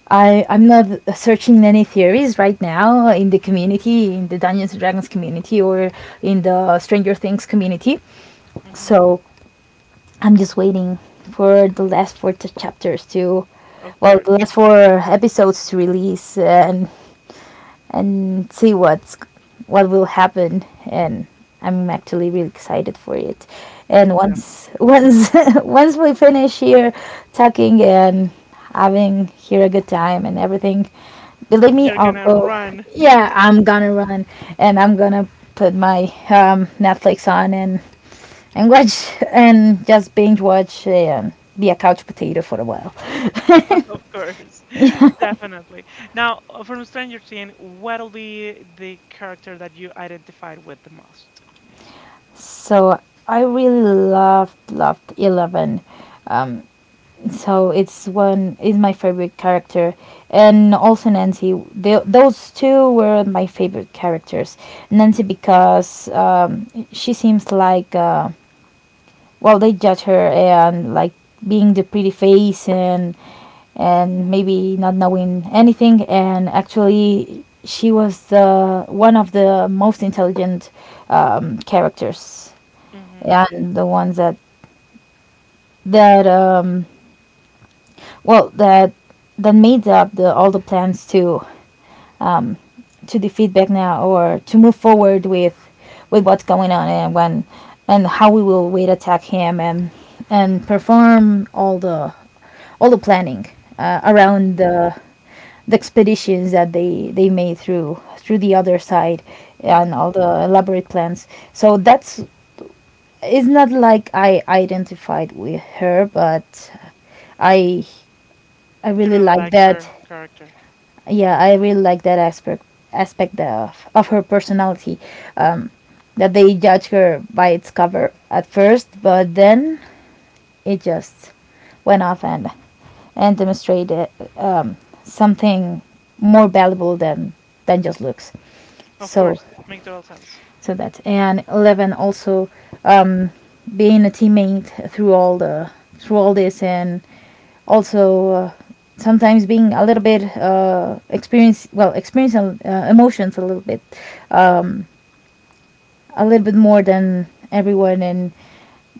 B: I I'm not searching any theories right now in the community, in the Dungeons and Dragons community, or in the Stranger Things community.
A: mm-hmm.
B: So I'm just waiting for the last four t- chapters to,
A: Of
B: well, the
A: course,
B: last four episodes to release, and and see what's what will happen, and I'm actually really excited for it. And once
A: definitely.
B: once once we finish here talking and having here a good time and everything, believe me,
A: You're
B: I'll
A: gonna
B: go.
A: run,
B: Yeah, I'm gonna run, and I'm gonna put my um, Netflix on, and and watch, and just binge watch, and be a couch potato for a while.
A: of course, definitely. Now, uh, from Stranger Things, what'll be the character that you identified with the most?
B: So I really loved loved Eleven. So it's one, is my favorite character, and also Nancy. They those two were my favorite characters. Nancy because um, she seems like uh, well, they judge her, and like being the pretty face, and and maybe not knowing anything, and actually she was the one of the most intelligent um, characters,
A: Mm-hmm.
B: and the ones that that um, well, that that made up the all the plans to to defeat Vecna, or to move forward with with what's going on, and when and how we will wait attack him, and and perform all the all the planning uh, around
A: Mm-hmm.
B: the the expeditions that they they made through through the other side, and
A: Mm-hmm.
B: all the elaborate plans. So that's, it's not like I identified with her, but i i
A: You
B: really
A: really
B: like
A: like her
B: that.
A: character,
B: Yeah, I really like that aspect aspect of, of her personality, that they judge her by its cover at first, but then it just went off and and demonstrated um, something more valuable than than just looks.
A: of
B: So
A: course. Make total sense.
B: so that, and Eleven also, um, being a teammate through all the through all this, and also uh, sometimes being a little bit uh, experience well experiencing uh, emotions a little bit a little bit more than everyone, and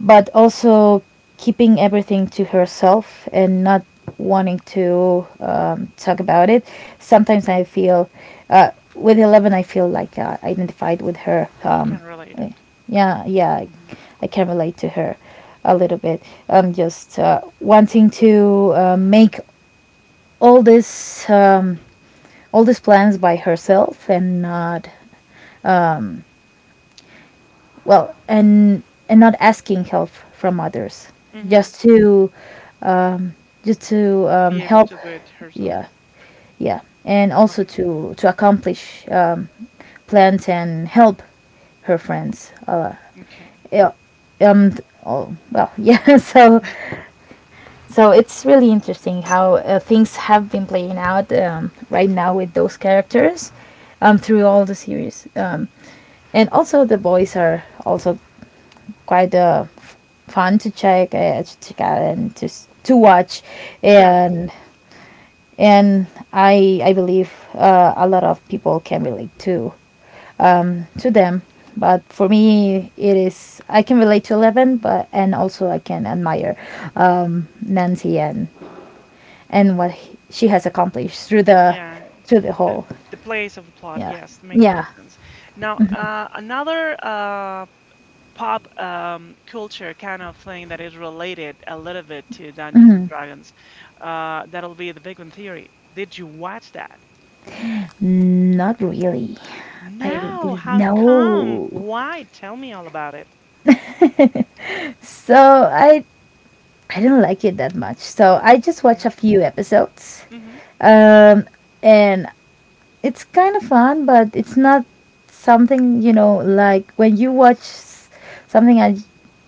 B: but also keeping everything to herself and not wanting to um, talk about it. Sometimes I feel uh, with eleven I feel like uh, identified with her,
A: You
B: um,
A: can relate
B: eh,
A: it.
B: yeah, yeah, I,
A: Mm-hmm.
B: I can relate to her a little bit. Um, just uh, wanting to uh, make all this um, all these plans by herself, and not, well, and and not asking help from others,
A: Mm-hmm.
B: just to um, just to
A: Be
B: um,
A: able
B: help.
A: to do it herself.
B: Yeah, yeah, and also
A: Okay.
B: to to accomplish um, plans and help her friends, uh,
A: Okay.
B: yeah. um th- oh, well yeah, so so it's really interesting how uh, things have been playing out um, right now with those characters, um, through all the series, um, and also the boys are also quite uh, f- fun to check, uh, to check out, and to s- to watch,
A: Sure.
B: and and I I believe uh, a lot of people can relate to um, to them. But for me, it is I can relate to Eleven, but and also I can admire um, Nancy, and and what he- she has accomplished through the
A: Yeah, and eh,
B: through the
A: the
B: whole.
A: the place of the plot,
B: Yeah,
A: yes, make
B: yeah.
A: total sense. Now, uh, another uh, pop um, culture kind of thing that is related a little bit to Dungeons and Dragons, uh, that'll be the Big Bang Theory. Did you watch that?
B: Not really. I
A: No. How come?
B: no.
A: Why? Tell me all about it.
B: So I I didn't like it that much. So I just watched a
A: Okay.
B: few episodes.
A: Mm-hmm.
B: Um, and it's kind of fun, but it's not something, you know, like when you watch s- something I-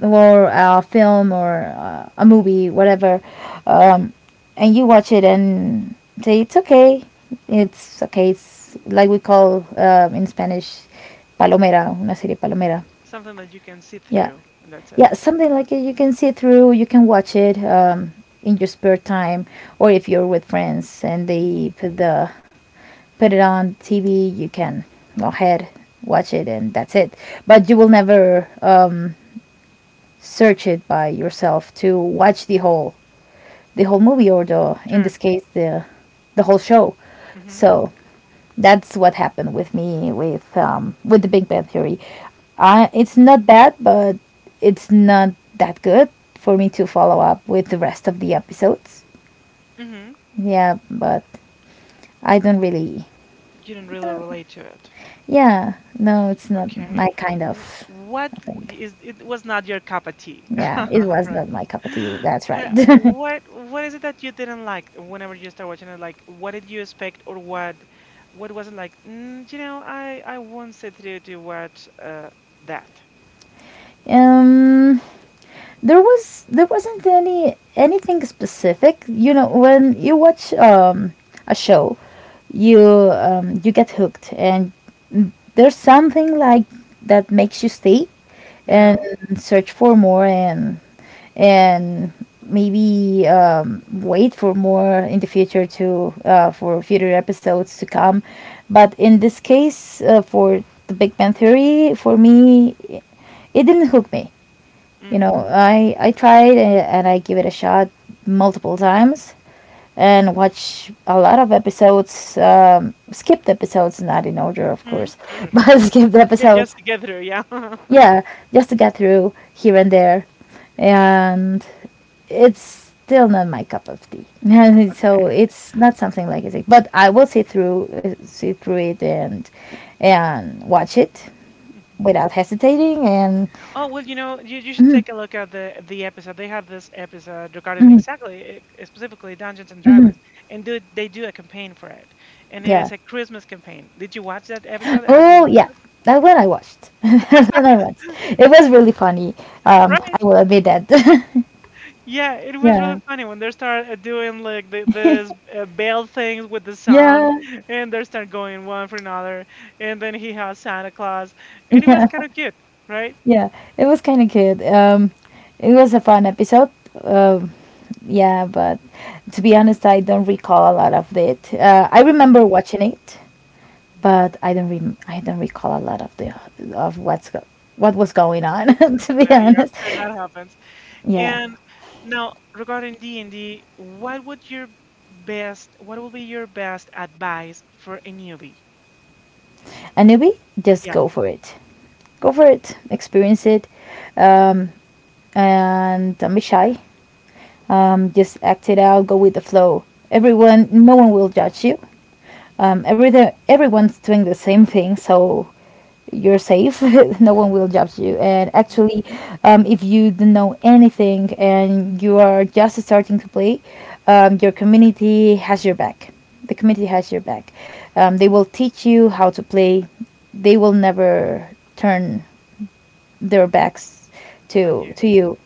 B: or a film or uh, a movie, whatever, um, and you watch it and say, it's okay. It's okay. It's like we call um, in Spanish, palomera, una serie palomera.
A: Something that you can see
B: Yeah.
A: through, and that's it.
B: Yeah, something like it. You can see through. You can watch it um, in your spare time, or if you're with friends and
A: Mm-hmm.
B: they put the put it on T V, you can go ahead watch it, and that's it. But you will never um, search it by yourself to watch the whole the whole movie, or the, in this
A: Sure.
B: case, the the whole show.
A: Mm-hmm.
B: So that's what happened with me with um, with the Big Bang Theory. I, it's not
A: Okay.
B: bad, but it's not that good for me to follow up with the rest of the episodes.
A: Mm-hmm.
B: Yeah, but I don't really.
A: You didn't really relate to it.
B: Yeah, no, it's not
A: Okay.
B: my kind
A: W-
B: of.
A: What
B: I
A: w-
B: think.
A: is it was not your cup of tea,
B: Yeah, it was
A: right?
B: not my cup of tea. That's right.
A: Uh, what what is it that you didn't like whenever you start watching it? Like, what did you expect, or what what was it like? Mm, you know, I I won't sit through to watch uh that.
B: um, there was there wasn't any anything specific. You know,
A: Mhm.
B: when you watch um, a show, you um, you get hooked, and there's something like that makes you stay and
A: Uh-huh.
B: search for more, and and maybe um, wait for more in the future to uh, for future episodes to come. But in this case, uh, for the Big Bang Theory, for me, it didn't hook me. You
A: Mhm.
B: know, I I tried a- and I give it a shot multiple times and watch a lot of episodes. Um, skipped episodes, not in order, of
A: Mhm.
B: course,
A: Sure, sure, sure.
B: but skipped
A: To get,
B: episodes.
A: just to get through, yeah.
B: Yeah, just to get through here and there, and it's still not my cup of tea. And so
A: Okay.
B: it's not something like it. But I will sit through uh, sit through it and and watch it without hesitating and.
A: Oh, well, you know, you, you should take a look at the the episode. They have this episode regarding
B: Mhm,
A: exactly, eh, specifically Dungeons and
B: mhm,
A: Dragons, and do they do a campaign for it, and it
B: yeah.
A: is a Christmas campaign. Did you watch that episode? Have you
B: Oh
A: watched
B: yeah,
A: it?
B: that one I watched. That one I watched. It was really funny. Um,
A: Right?
B: I will admit that.
A: Yeah, it was really
B: Yeah,
A: funny when they start uh, doing like the this uh, bell things with the song,
B: yeah,
A: and they start going one for another, and then he has Santa Claus, and it was
B: yeah,
A: kind of cute, right?
B: yeah. It was kind of good. Um, it was a fun episode. Um, yeah, but to be honest, I don't recall a lot of it. Uh, I remember
A: Mm-hmm.
B: watching it, but I don't rem- I don't recall a lot of the of what's go- what was going on. To be
A: Yeah,
B: honest,
A: sure, that happens.
B: yeah.
A: And now, regarding D and D, what would your best, what would be your best advice for a newbie?
B: Anubi, just
A: Yeah.
B: go for it. Go for it, experience it, um, and don't be shy. Um, just act it out, go with the flow. Everyone, no one will judge you. Um, everything, everyone's doing the same thing, so you're safe. No one will judge you. And
A: Hmm.
B: actually, um, if you don't know anything and you are just starting to play, um, your community has your back. The community has your back. Um, they will teach you how to play. They will never turn their backs
A: And
B: to
A: you,
B: to you.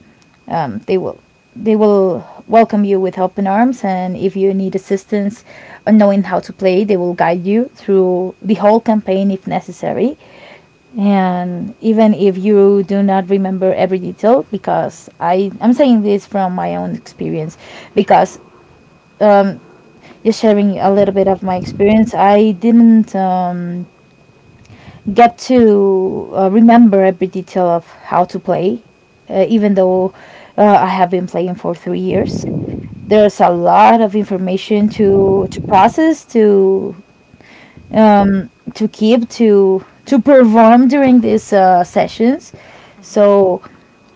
B: Um, they will they will welcome you with open arms, and if you need assistance on knowing how to play, they will guide you through the whole campaign if necessary. And even if you do not remember every detail, because I I'm saying this from my own experience,
A: sure.
B: because um, just sharing a little bit of my experience, I didn't. Um, get to uh, remember every detail of how to play, uh, even though uh, I have been playing for three years. There's a lot of information to to process, to um, to keep, to to perform during these uh, sessions.
A: Hmm.
B: So,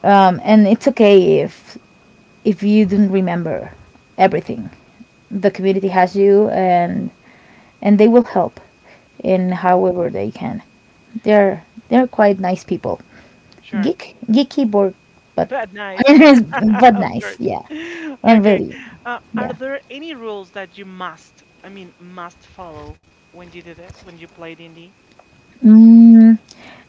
B: um, and it's okay if if you don't remember everything. The community has you, and and they will help in
A: Okay,
B: however they can. They're they're quite nice people.
A: sure.
B: Geek geeky board, but
A: But nice,
B: but
A: of
B: nice,
A: course.
B: yeah, and
A: Okay.
B: really
A: Uh, are
B: yeah.
A: there any rules that you must, I mean, must follow when you do this, when you play D and D?
B: mm,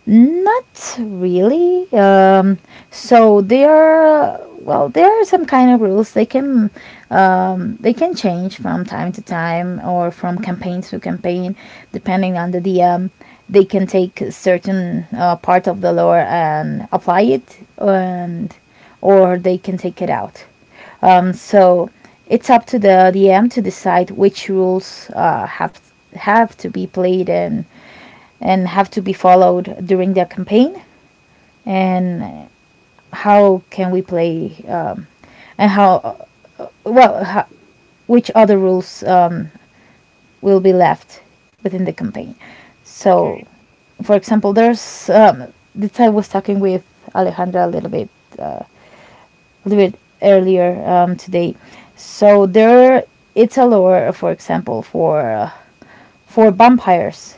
B: Not really. Um, so there, are- well, there are some kind of rules they can um, they can change from time to time or from campaign to campaign, depending on the D M. They can take a certain uh, part of the lore and apply it, and or they can take it out. Um, so it's up to the D M to decide which rules uh, have have to be played and and have to be followed during their campaign and how can we play um, and how well how, which other rules um, will be left within the campaign. So
A: Okay.
B: for example, there's um, this. I was talking with Alejandra a little bit uh, a little bit earlier um, today. So there, it's a lore for example for uh, for vampires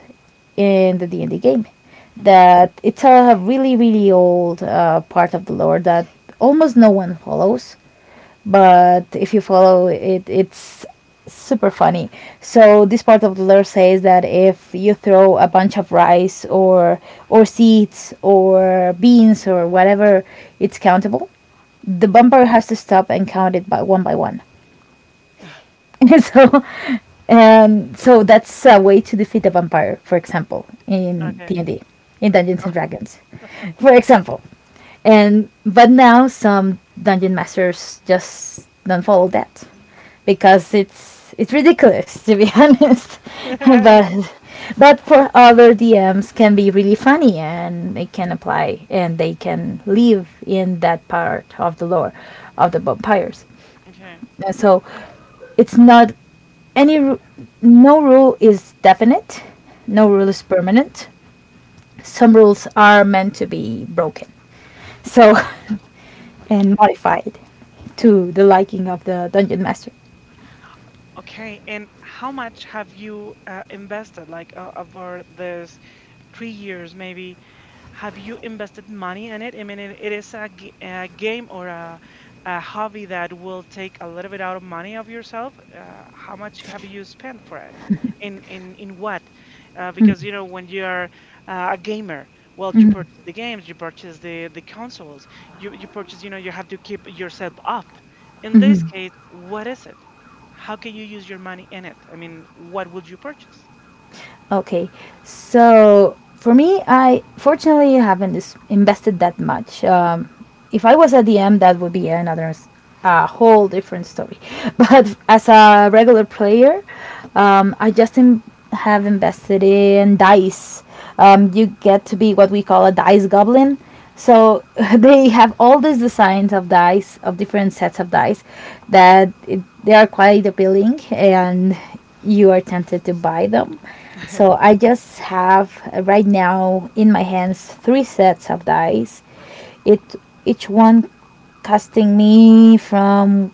B: in the D and D game,
A: Hmm.
B: that it's a really really old uh, part of the lore that almost no one follows, but if you follow it, it's super funny. So this part of the lore says that if you throw a bunch of rice or or seeds or beans or whatever, it's countable. The
A: Hmm.
B: bumper has to stop and count it by one by one. so, um, so that's a way to defeat a vampire, for example, in
A: Okay,
B: D and
A: okay.
B: D, in Dungeons and Dragons, for example. And but now some dungeon masters just don't follow that because it's it's ridiculous to be honest.
A: Yeah.
B: but but for other D Ms can be really funny, and they can apply and they can live in that part of the lore of the vampires.
A: Okay.
B: And so it's not any ru- no rule is definite, no
A: Hmm.
B: rule is permanent, some rules are meant to be broken, so
A: Okay, okay,
B: and
A: okay.
B: modified to the liking of the dungeon master.
A: Okay, and how much have you uh, invested, like, uh, over this three years maybe, have you invested money in it? I mean, it, it is a, g- a game or a, a hobby that will take a little bit out of money of yourself. Uh, how much have you spent for it, in in in what, uh, because you know when you're uh, a gamer, well, you purchase the games, you purchase the the consoles, you you purchase, you know, you have to keep yourself up. In this case, what is it? How can you use your money in it? I mean, what would you purchase?
B: Okay, so for me, I fortunately haven't dis- invested that much. Um, if I was a D M, that would be another s- a whole different story. But as a regular player, um, I just in- have invested in dice. Um, you get to be what we call a dice goblin. So they have all these designs of dice, of different sets of dice, that it, they are quite appealing, and you are tempted to buy them. So I just have uh, right now in my hands three sets of dice. It Each one costing me from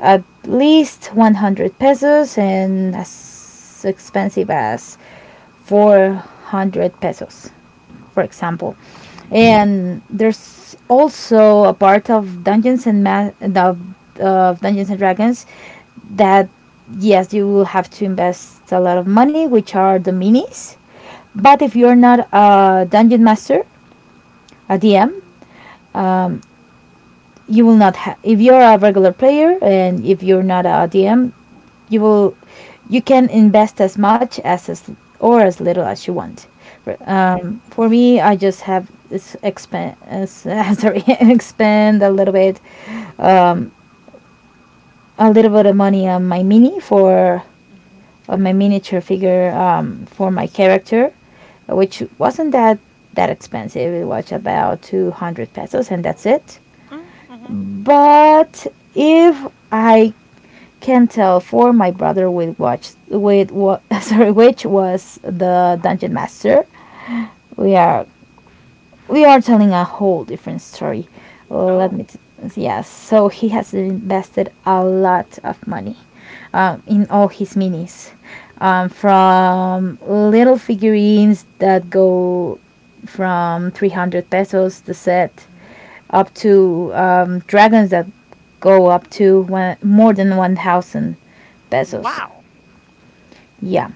B: at least one hundred pesos and as expensive as four hundred pesos, for example.
A: Okay.
B: And there's also a part of Dungeons and Ma- of, of Dungeons and Dragons that yes, you will have to invest a lot of money, which are the minis. But if you're not a dungeon master, a D M, um, you will not have. If you're a regular player and if you're not a D M, you will, you can invest as much as, as or as little as you want. For,
A: Okay.
B: um, for me, I just have this expand. Uh, s- sorry, expend a little bit, um, a little bit of money on my mini for of my miniature figure um, for my character, which wasn't that that expensive. It was about two hundred pesos, and that's it.
A: Mm, mhm.
B: But if I can tell for my brother with watch with what sorry which was the dungeon master, we are we are telling a whole different story. Well, Let
A: Oh,
B: me, t- yes. So he has invested a lot of money um, in all his minis, um, from little figurines that go from three hundred pesos the set
A: mhm.
B: up to um, dragons that go up to one, more than one thousand pesos.
A: Wow.
B: Yeah,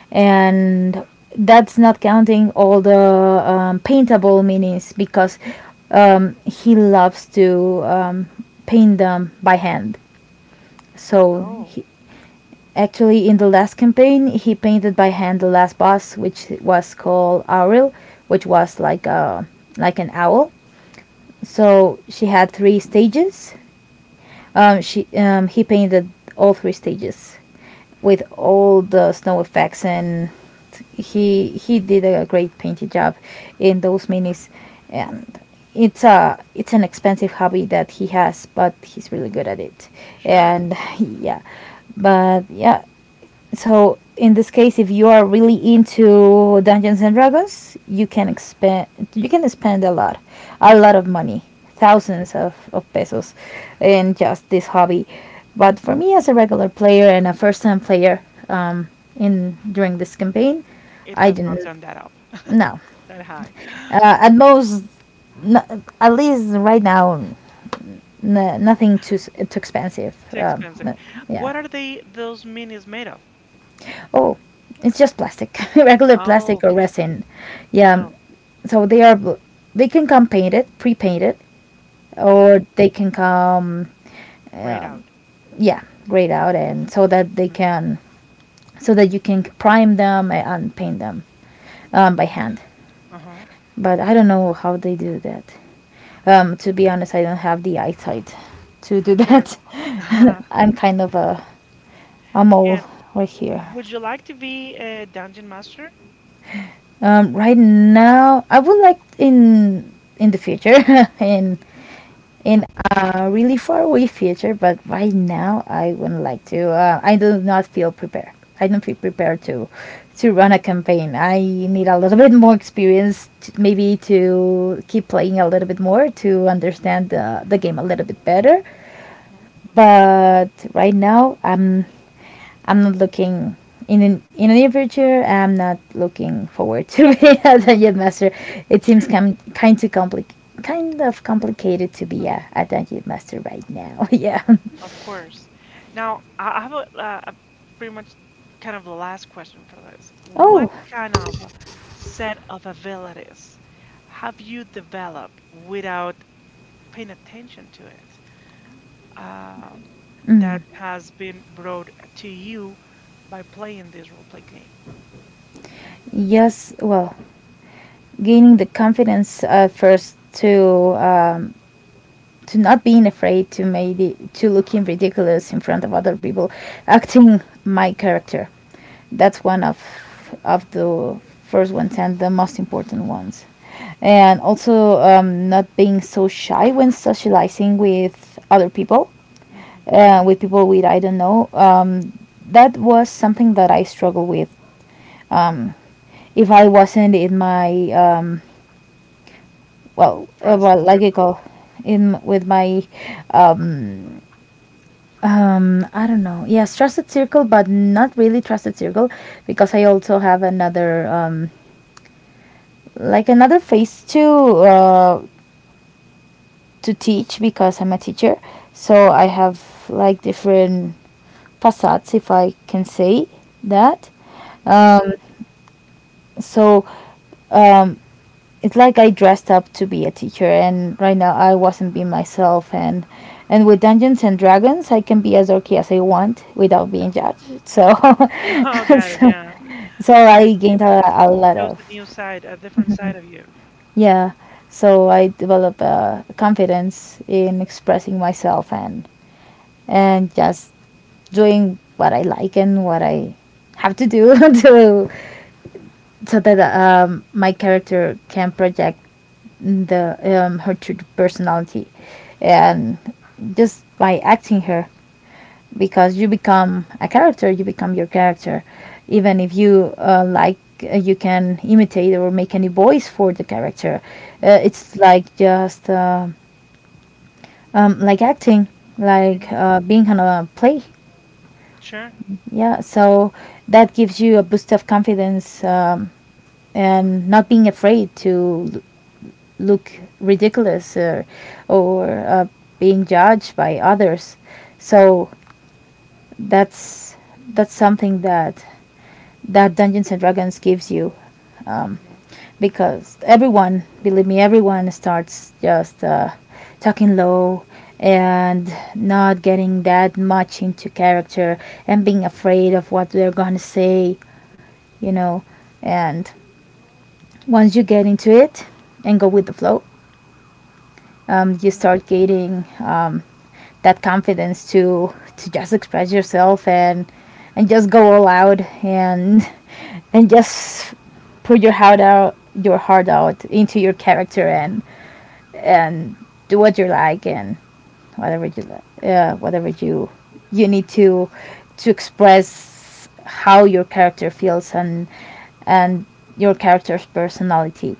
B: and that's not counting all the um, paintable minis because um, he loves to um, paint them by hand. So
A: Oh,
B: he, Actually, in the last campaign, he painted by hand the last boss, which was called Auril, which was like a like an owl. So she had three stages. Um, she um, He painted all three stages with all the snow effects, and he he did a great painting job in those minis, and it's a it's an expensive hobby that he has, but he's really good at it,
A: sure.
B: and yeah, but yeah, so in this case, if you are really into Dungeons and Dragons, you can expend, you can spend a lot, a lot of money,
A: Mhm.
B: thousands of, of pesos, in just this hobby. But for me, as a regular player and a first time player, um, in during this campaign,
A: It
B: I
A: has not
B: didn't.
A: gone that up,
B: No,
A: that high.
B: uh, at most, no, at least right now, n- nothing too s- too expensive.
A: Too
B: Um,
A: expensive.
B: no- yeah.
A: What are they those minis made of?
B: Oh, it's just plastic, regular
A: Oh,
B: plastic or
A: okay.
B: resin. Yeah.
A: Oh,
B: So they are bl- they can come painted, pre-painted, or
A: mhm.
B: they can come
A: Grayed
B: um,
A: out.
B: yeah, grayed out, and so that they can so that you can prime them and paint them um, by
A: Oh,
B: hand.
A: uh-huh.
B: But I don't know how they do that. Um, to be honest, I don't have the eyesight to do
A: Sure.
B: that. I'm kind of a a mole
A: And
B: right here.
A: w would you like to be a dungeon master?
B: Um, right now, I would like in in the future, in
A: Mhm.
B: in a really far away future, but right now, I wouldn't like to. Uh, I do not feel prepared. I don't feel prepared to to run a campaign. I need a little bit more experience, t maybe to keep playing a little bit more to understand the the game a little bit better.
A: Mhm.
B: But right now, I'm I'm not looking in an, in the near future. I'm not looking forward to be a Dungeon Master. It seems
A: Sure.
B: com- kind to compli- kind of complicated to be a, a Dungeon Master right now. Yeah.
A: Of course. Now, I I have a, uh, a pretty much kind of the last question for this.
B: Oh,
A: What kind of set of abilities have you developed without paying attention to it, um, that
B: mm,
A: has been brought to you by playing this role play game?
B: yes. Well, gaining the confidence uh, first to um, to not being afraid to maybe to looking ridiculous in front of other people, acting my character. That's one of of the first ones and the most important ones. And also um, not being so shy when socializing with other people,
A: Hmm.
B: uh, with people with I don't know. Um, that was something that I struggled with. Um, if I wasn't in my um, well, uh,
A: Trust
B: well, like I
A: circle.
B: call in with my um, um, I don't know. Yes, trusted circle, but not really trusted circle because I also have another um, like another face to uh, to teach because I'm a teacher. So I
A: Hmm.
B: have like different facades, if I can say that.
A: Hmm.
B: Um, so um, it's like I dressed up to be a teacher, and right now I wasn't being myself. And and with Dungeons and Dragons, I can be as dorky as I want without being judged. So,
A: No, got it.
B: so,
A: Yeah,
B: so
A: it
B: I
A: it
B: gained a,
A: has
B: a lot
A: shows
B: of,
A: a new side, a different side of you.
B: yeah. So I developed uh, confidence in expressing myself, and and just doing what I like and what I have to do, to, so that um, my character can project the um, her true personality, and just by acting her, because you become a character, you become your character, even if you uh, like uh, you can imitate or make any voice for the character. Uh,
A: Hmm.
B: it's like just uh, um, like acting, like
A: Hmm.
B: uh, being on a play.
A: Sure.
B: Yeah, so that gives you a boost of confidence. Um, and not being afraid to l- look ridiculous, or, or uh, being judged by others. So that's that's something that that Dungeons and Dragons gives you. um,
A: Hmm.
B: because everyone, believe me, everyone starts just uh, talking low, and not getting that much into character, and being afraid of what they're gonna say you know. And once you get into it and go with the flow, um, you start getting, um, that confidence to to just express yourself, and and just go all out, and and just put your heart out, your heart out into your character, and and do what you like, and whatever you li- uh, whatever you you need to to express how your character feels, and and your character's personality.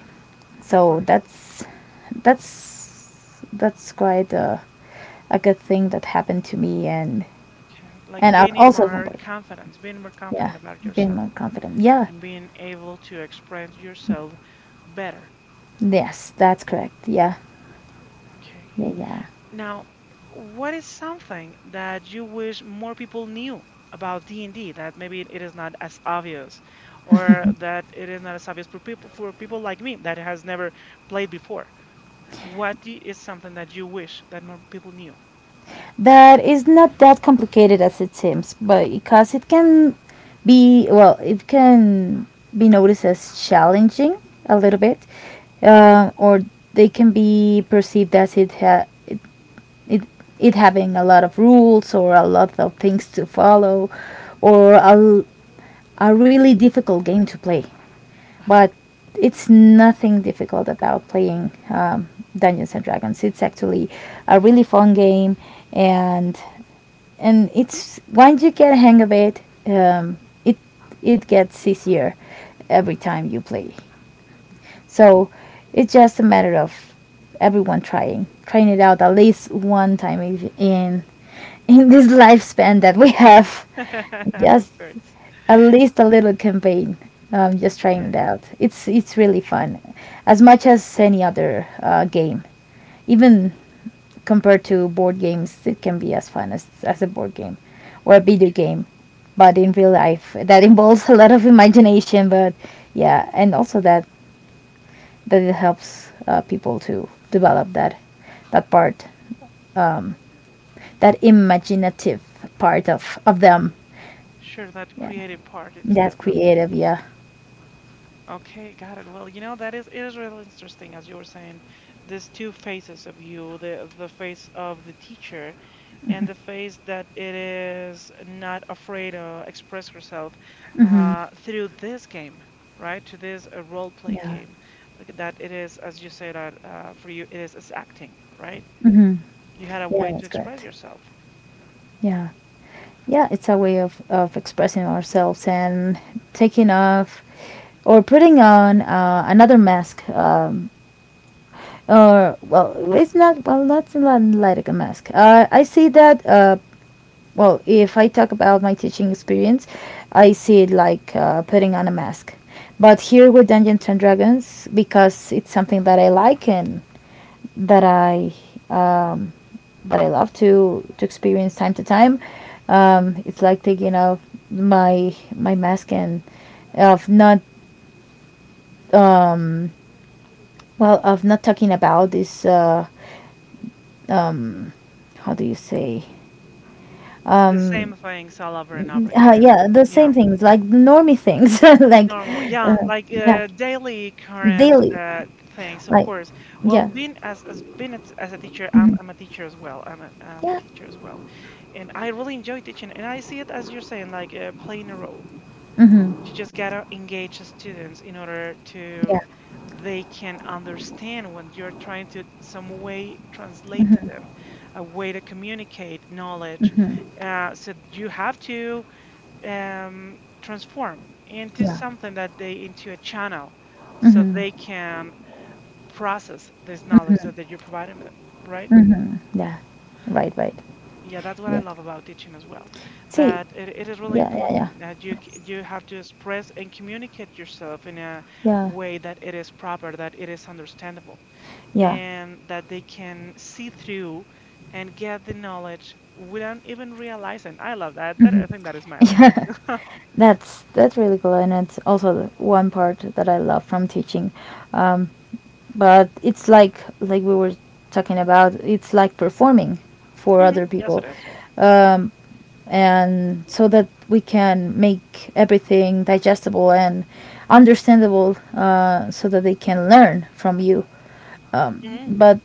A: Of
B: So
A: course.
B: that's that's that's quite a, a good thing that happened to me, and
A: Okay. Like
B: and I've
A: gaining
B: also
A: more
B: more,
A: confidence, being more
B: yeah,
A: confident about
B: been
A: yourself
B: more confident. Yeah,
A: and being able to express yourself better.
B: yes, that's correct. Yeah,
A: Okay.
B: yeah, yeah.
A: Now, what is something that you wish more people knew about D and D that maybe it is not as obvious or that it is not as obvious for people, for people like me that has never played before? What do is something that you wish that more people knew?
B: That is not that complicated as it seems, but because it can be, well, it can be noticed as challenging a little bit, uh, or they can be perceived as it ha- it it having a lot of rules or a lot of things to follow, or a, a really difficult game to play.
A: Uh-huh.
B: But it's nothing difficult about playing, um, Dungeons and Dragons. It's actually a really fun game, and and it's, once you get a hang of it, um, it it gets easier every time you play. So it's just a matter of everyone trying trying it out at least one time, in in this lifespan that we have.
A: Of
B: Just
A: course.
B: at least a little campaign. Um, just trying it
A: Okay.
B: out. It's it's really fun, as much as any other uh, game. Even compared to board games, it can be as fun as as a board game or a video
A: Okay.
B: game, but in real life that involves a lot of imagination. But yeah, and also that that it helps uh, people to develop that that part, that imaginative part of of them.
A: Sure, that
B: Yeah,
A: creative part inside
B: that
A: of them.
B: creative. Yeah.
A: Okay, got it. Well, you know that is it is really interesting as you were saying. There's two faces of you, the the face of the teacher and the face that it is not afraid to express herself uh, through this game, right? To this uh, role play
B: Yeah.
A: game, like that it is as you say that uh, for you it is, it's acting, right?
B: Hmm.
A: You had a
B: Yeah,
A: way to
B: that's
A: express
B: correct.
A: yourself.
B: Yeah. Yeah, it's a way of, of expressing ourselves, and taking off or putting on uh, another mask. Um, or, well, it's not, well, not li- like a mask. Uh, I see that, uh, well, if I talk about my teaching experience, I see it like uh, putting on a mask. But here with Dungeons and Dragons, because it's something that I like and that I um, that I love to to experience time to time. Um, it's like taking off my my mask, and of not, um, well, of not talking about this. Uh, um, how do you say?
A: The
B: Um,
A: same things all over and over
B: uh,
A: again, and
B: yeah, the same
A: yeah.
B: things, like the normy things, like
A: Normal, yeah,
B: uh,
A: like
B: yeah,
A: uh, daily current
B: daily,
A: uh, things, of
B: like,
A: course. Well,
B: yeah.
A: being as as being as, as a teacher, I'm,
B: Hmm.
A: I'm a teacher as well. I'm a, I'm a
B: Yeah.
A: teacher as well, and I really enjoy teaching. And I see it as you're saying, like uh, playing a role.
B: Hmm.
A: You just gotta engage the students in order
B: Yeah,
A: to they can understand when you're trying to some way translate to them, a way to communicate knowledge. Uh, so you have to um, transform into
B: yeah,
A: something that they into a channel so they can process this knowledge that, that you're providing them, right?
B: yeah. Right, right.
A: Yeah, that's what I
B: Yeah.
A: love about teaching as well,
B: See.
A: that it, it is really
B: Yeah, yeah, yeah.
A: important that you c-
B: Yes,
A: you have to express and communicate yourself in a
B: yeah,
A: way that it is proper, that it is understandable,
B: yeah.
A: and that they can see through and get the knowledge without even realizing. I love that. That I think that is magic.
B: That's that's really cool, and it's also the one part that I love from teaching. um, but it's like like we were talking about, it's like performing for
A: Hmm,
B: other
A: yes it
B: people.
A: is.
B: um, and so that we can make everything digestible and understandable, uh, so that they can learn from you.
A: Mhm.
B: But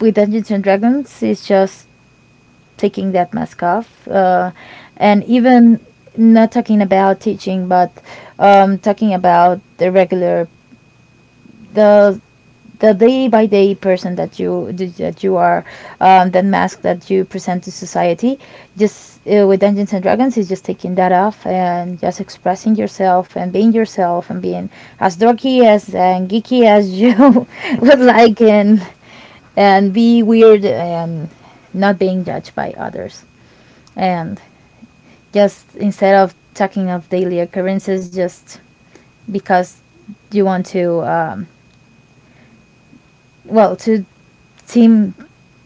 B: with Dungeons and Dragons, it's just taking that mask off, uh, and even not talking about teaching, but um, talking about the regular the the day by day person that you that you are, um, that mask that you present to society. Just, uh, with Dungeons and Dragons, is just taking that off, and just expressing yourself and being yourself, and being as dorky as and geeky as you would like, and and be weird, and not being judged by others. And just instead of talking of daily occurrences, just because you want to, um, well, to seem,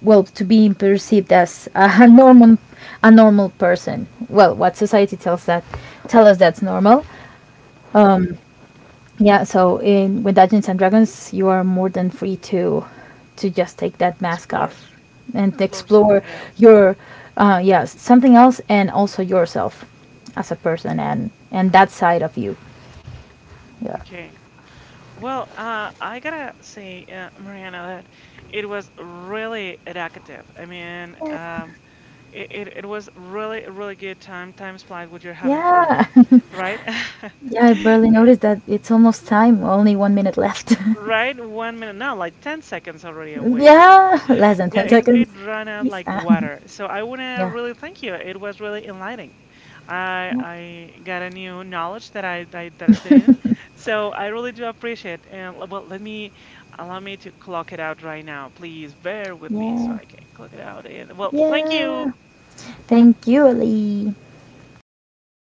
B: well, to be perceived as a normal a normal person, well, what society tells that tell us that's normal, yeah. So, in, with Dungeons and Dragons, you are more than free to to just take that mask
A: Explore,
B: off, and
A: explore
B: explore
A: something else.
B: your uh yeah, something else, and also yourself as a person, and and that side of you, yeah.
A: Okay. Well, uh, I gotta say, uh, Mariana, that it was really educative. I mean, um, it, it, it was really, a really good time. Time flies when you're having fun,
B: Yeah.
A: right?
B: Yeah, I barely
A: Yeah,
B: noticed that it's almost time. Only one minute left.
A: right? One minute, no, like ten seconds already away for it.
B: Yeah, less than
A: Yeah,
B: ten
A: it
B: seconds.
A: it ran out
B: Yes.
A: like
B: Ah,
A: water. So I wanna
B: Yeah.
A: really thank you. It was really enlightening. I
B: Yeah.
A: I got a new knowledge that I, I that I didn't. So I really do appreciate. And l- well, let me allow me to clock it out right now. Please bear with me so
B: Yeah.
A: I can clock it out. And well, thank you.
B: Yeah. Thank you, Ali. Thank you. Thank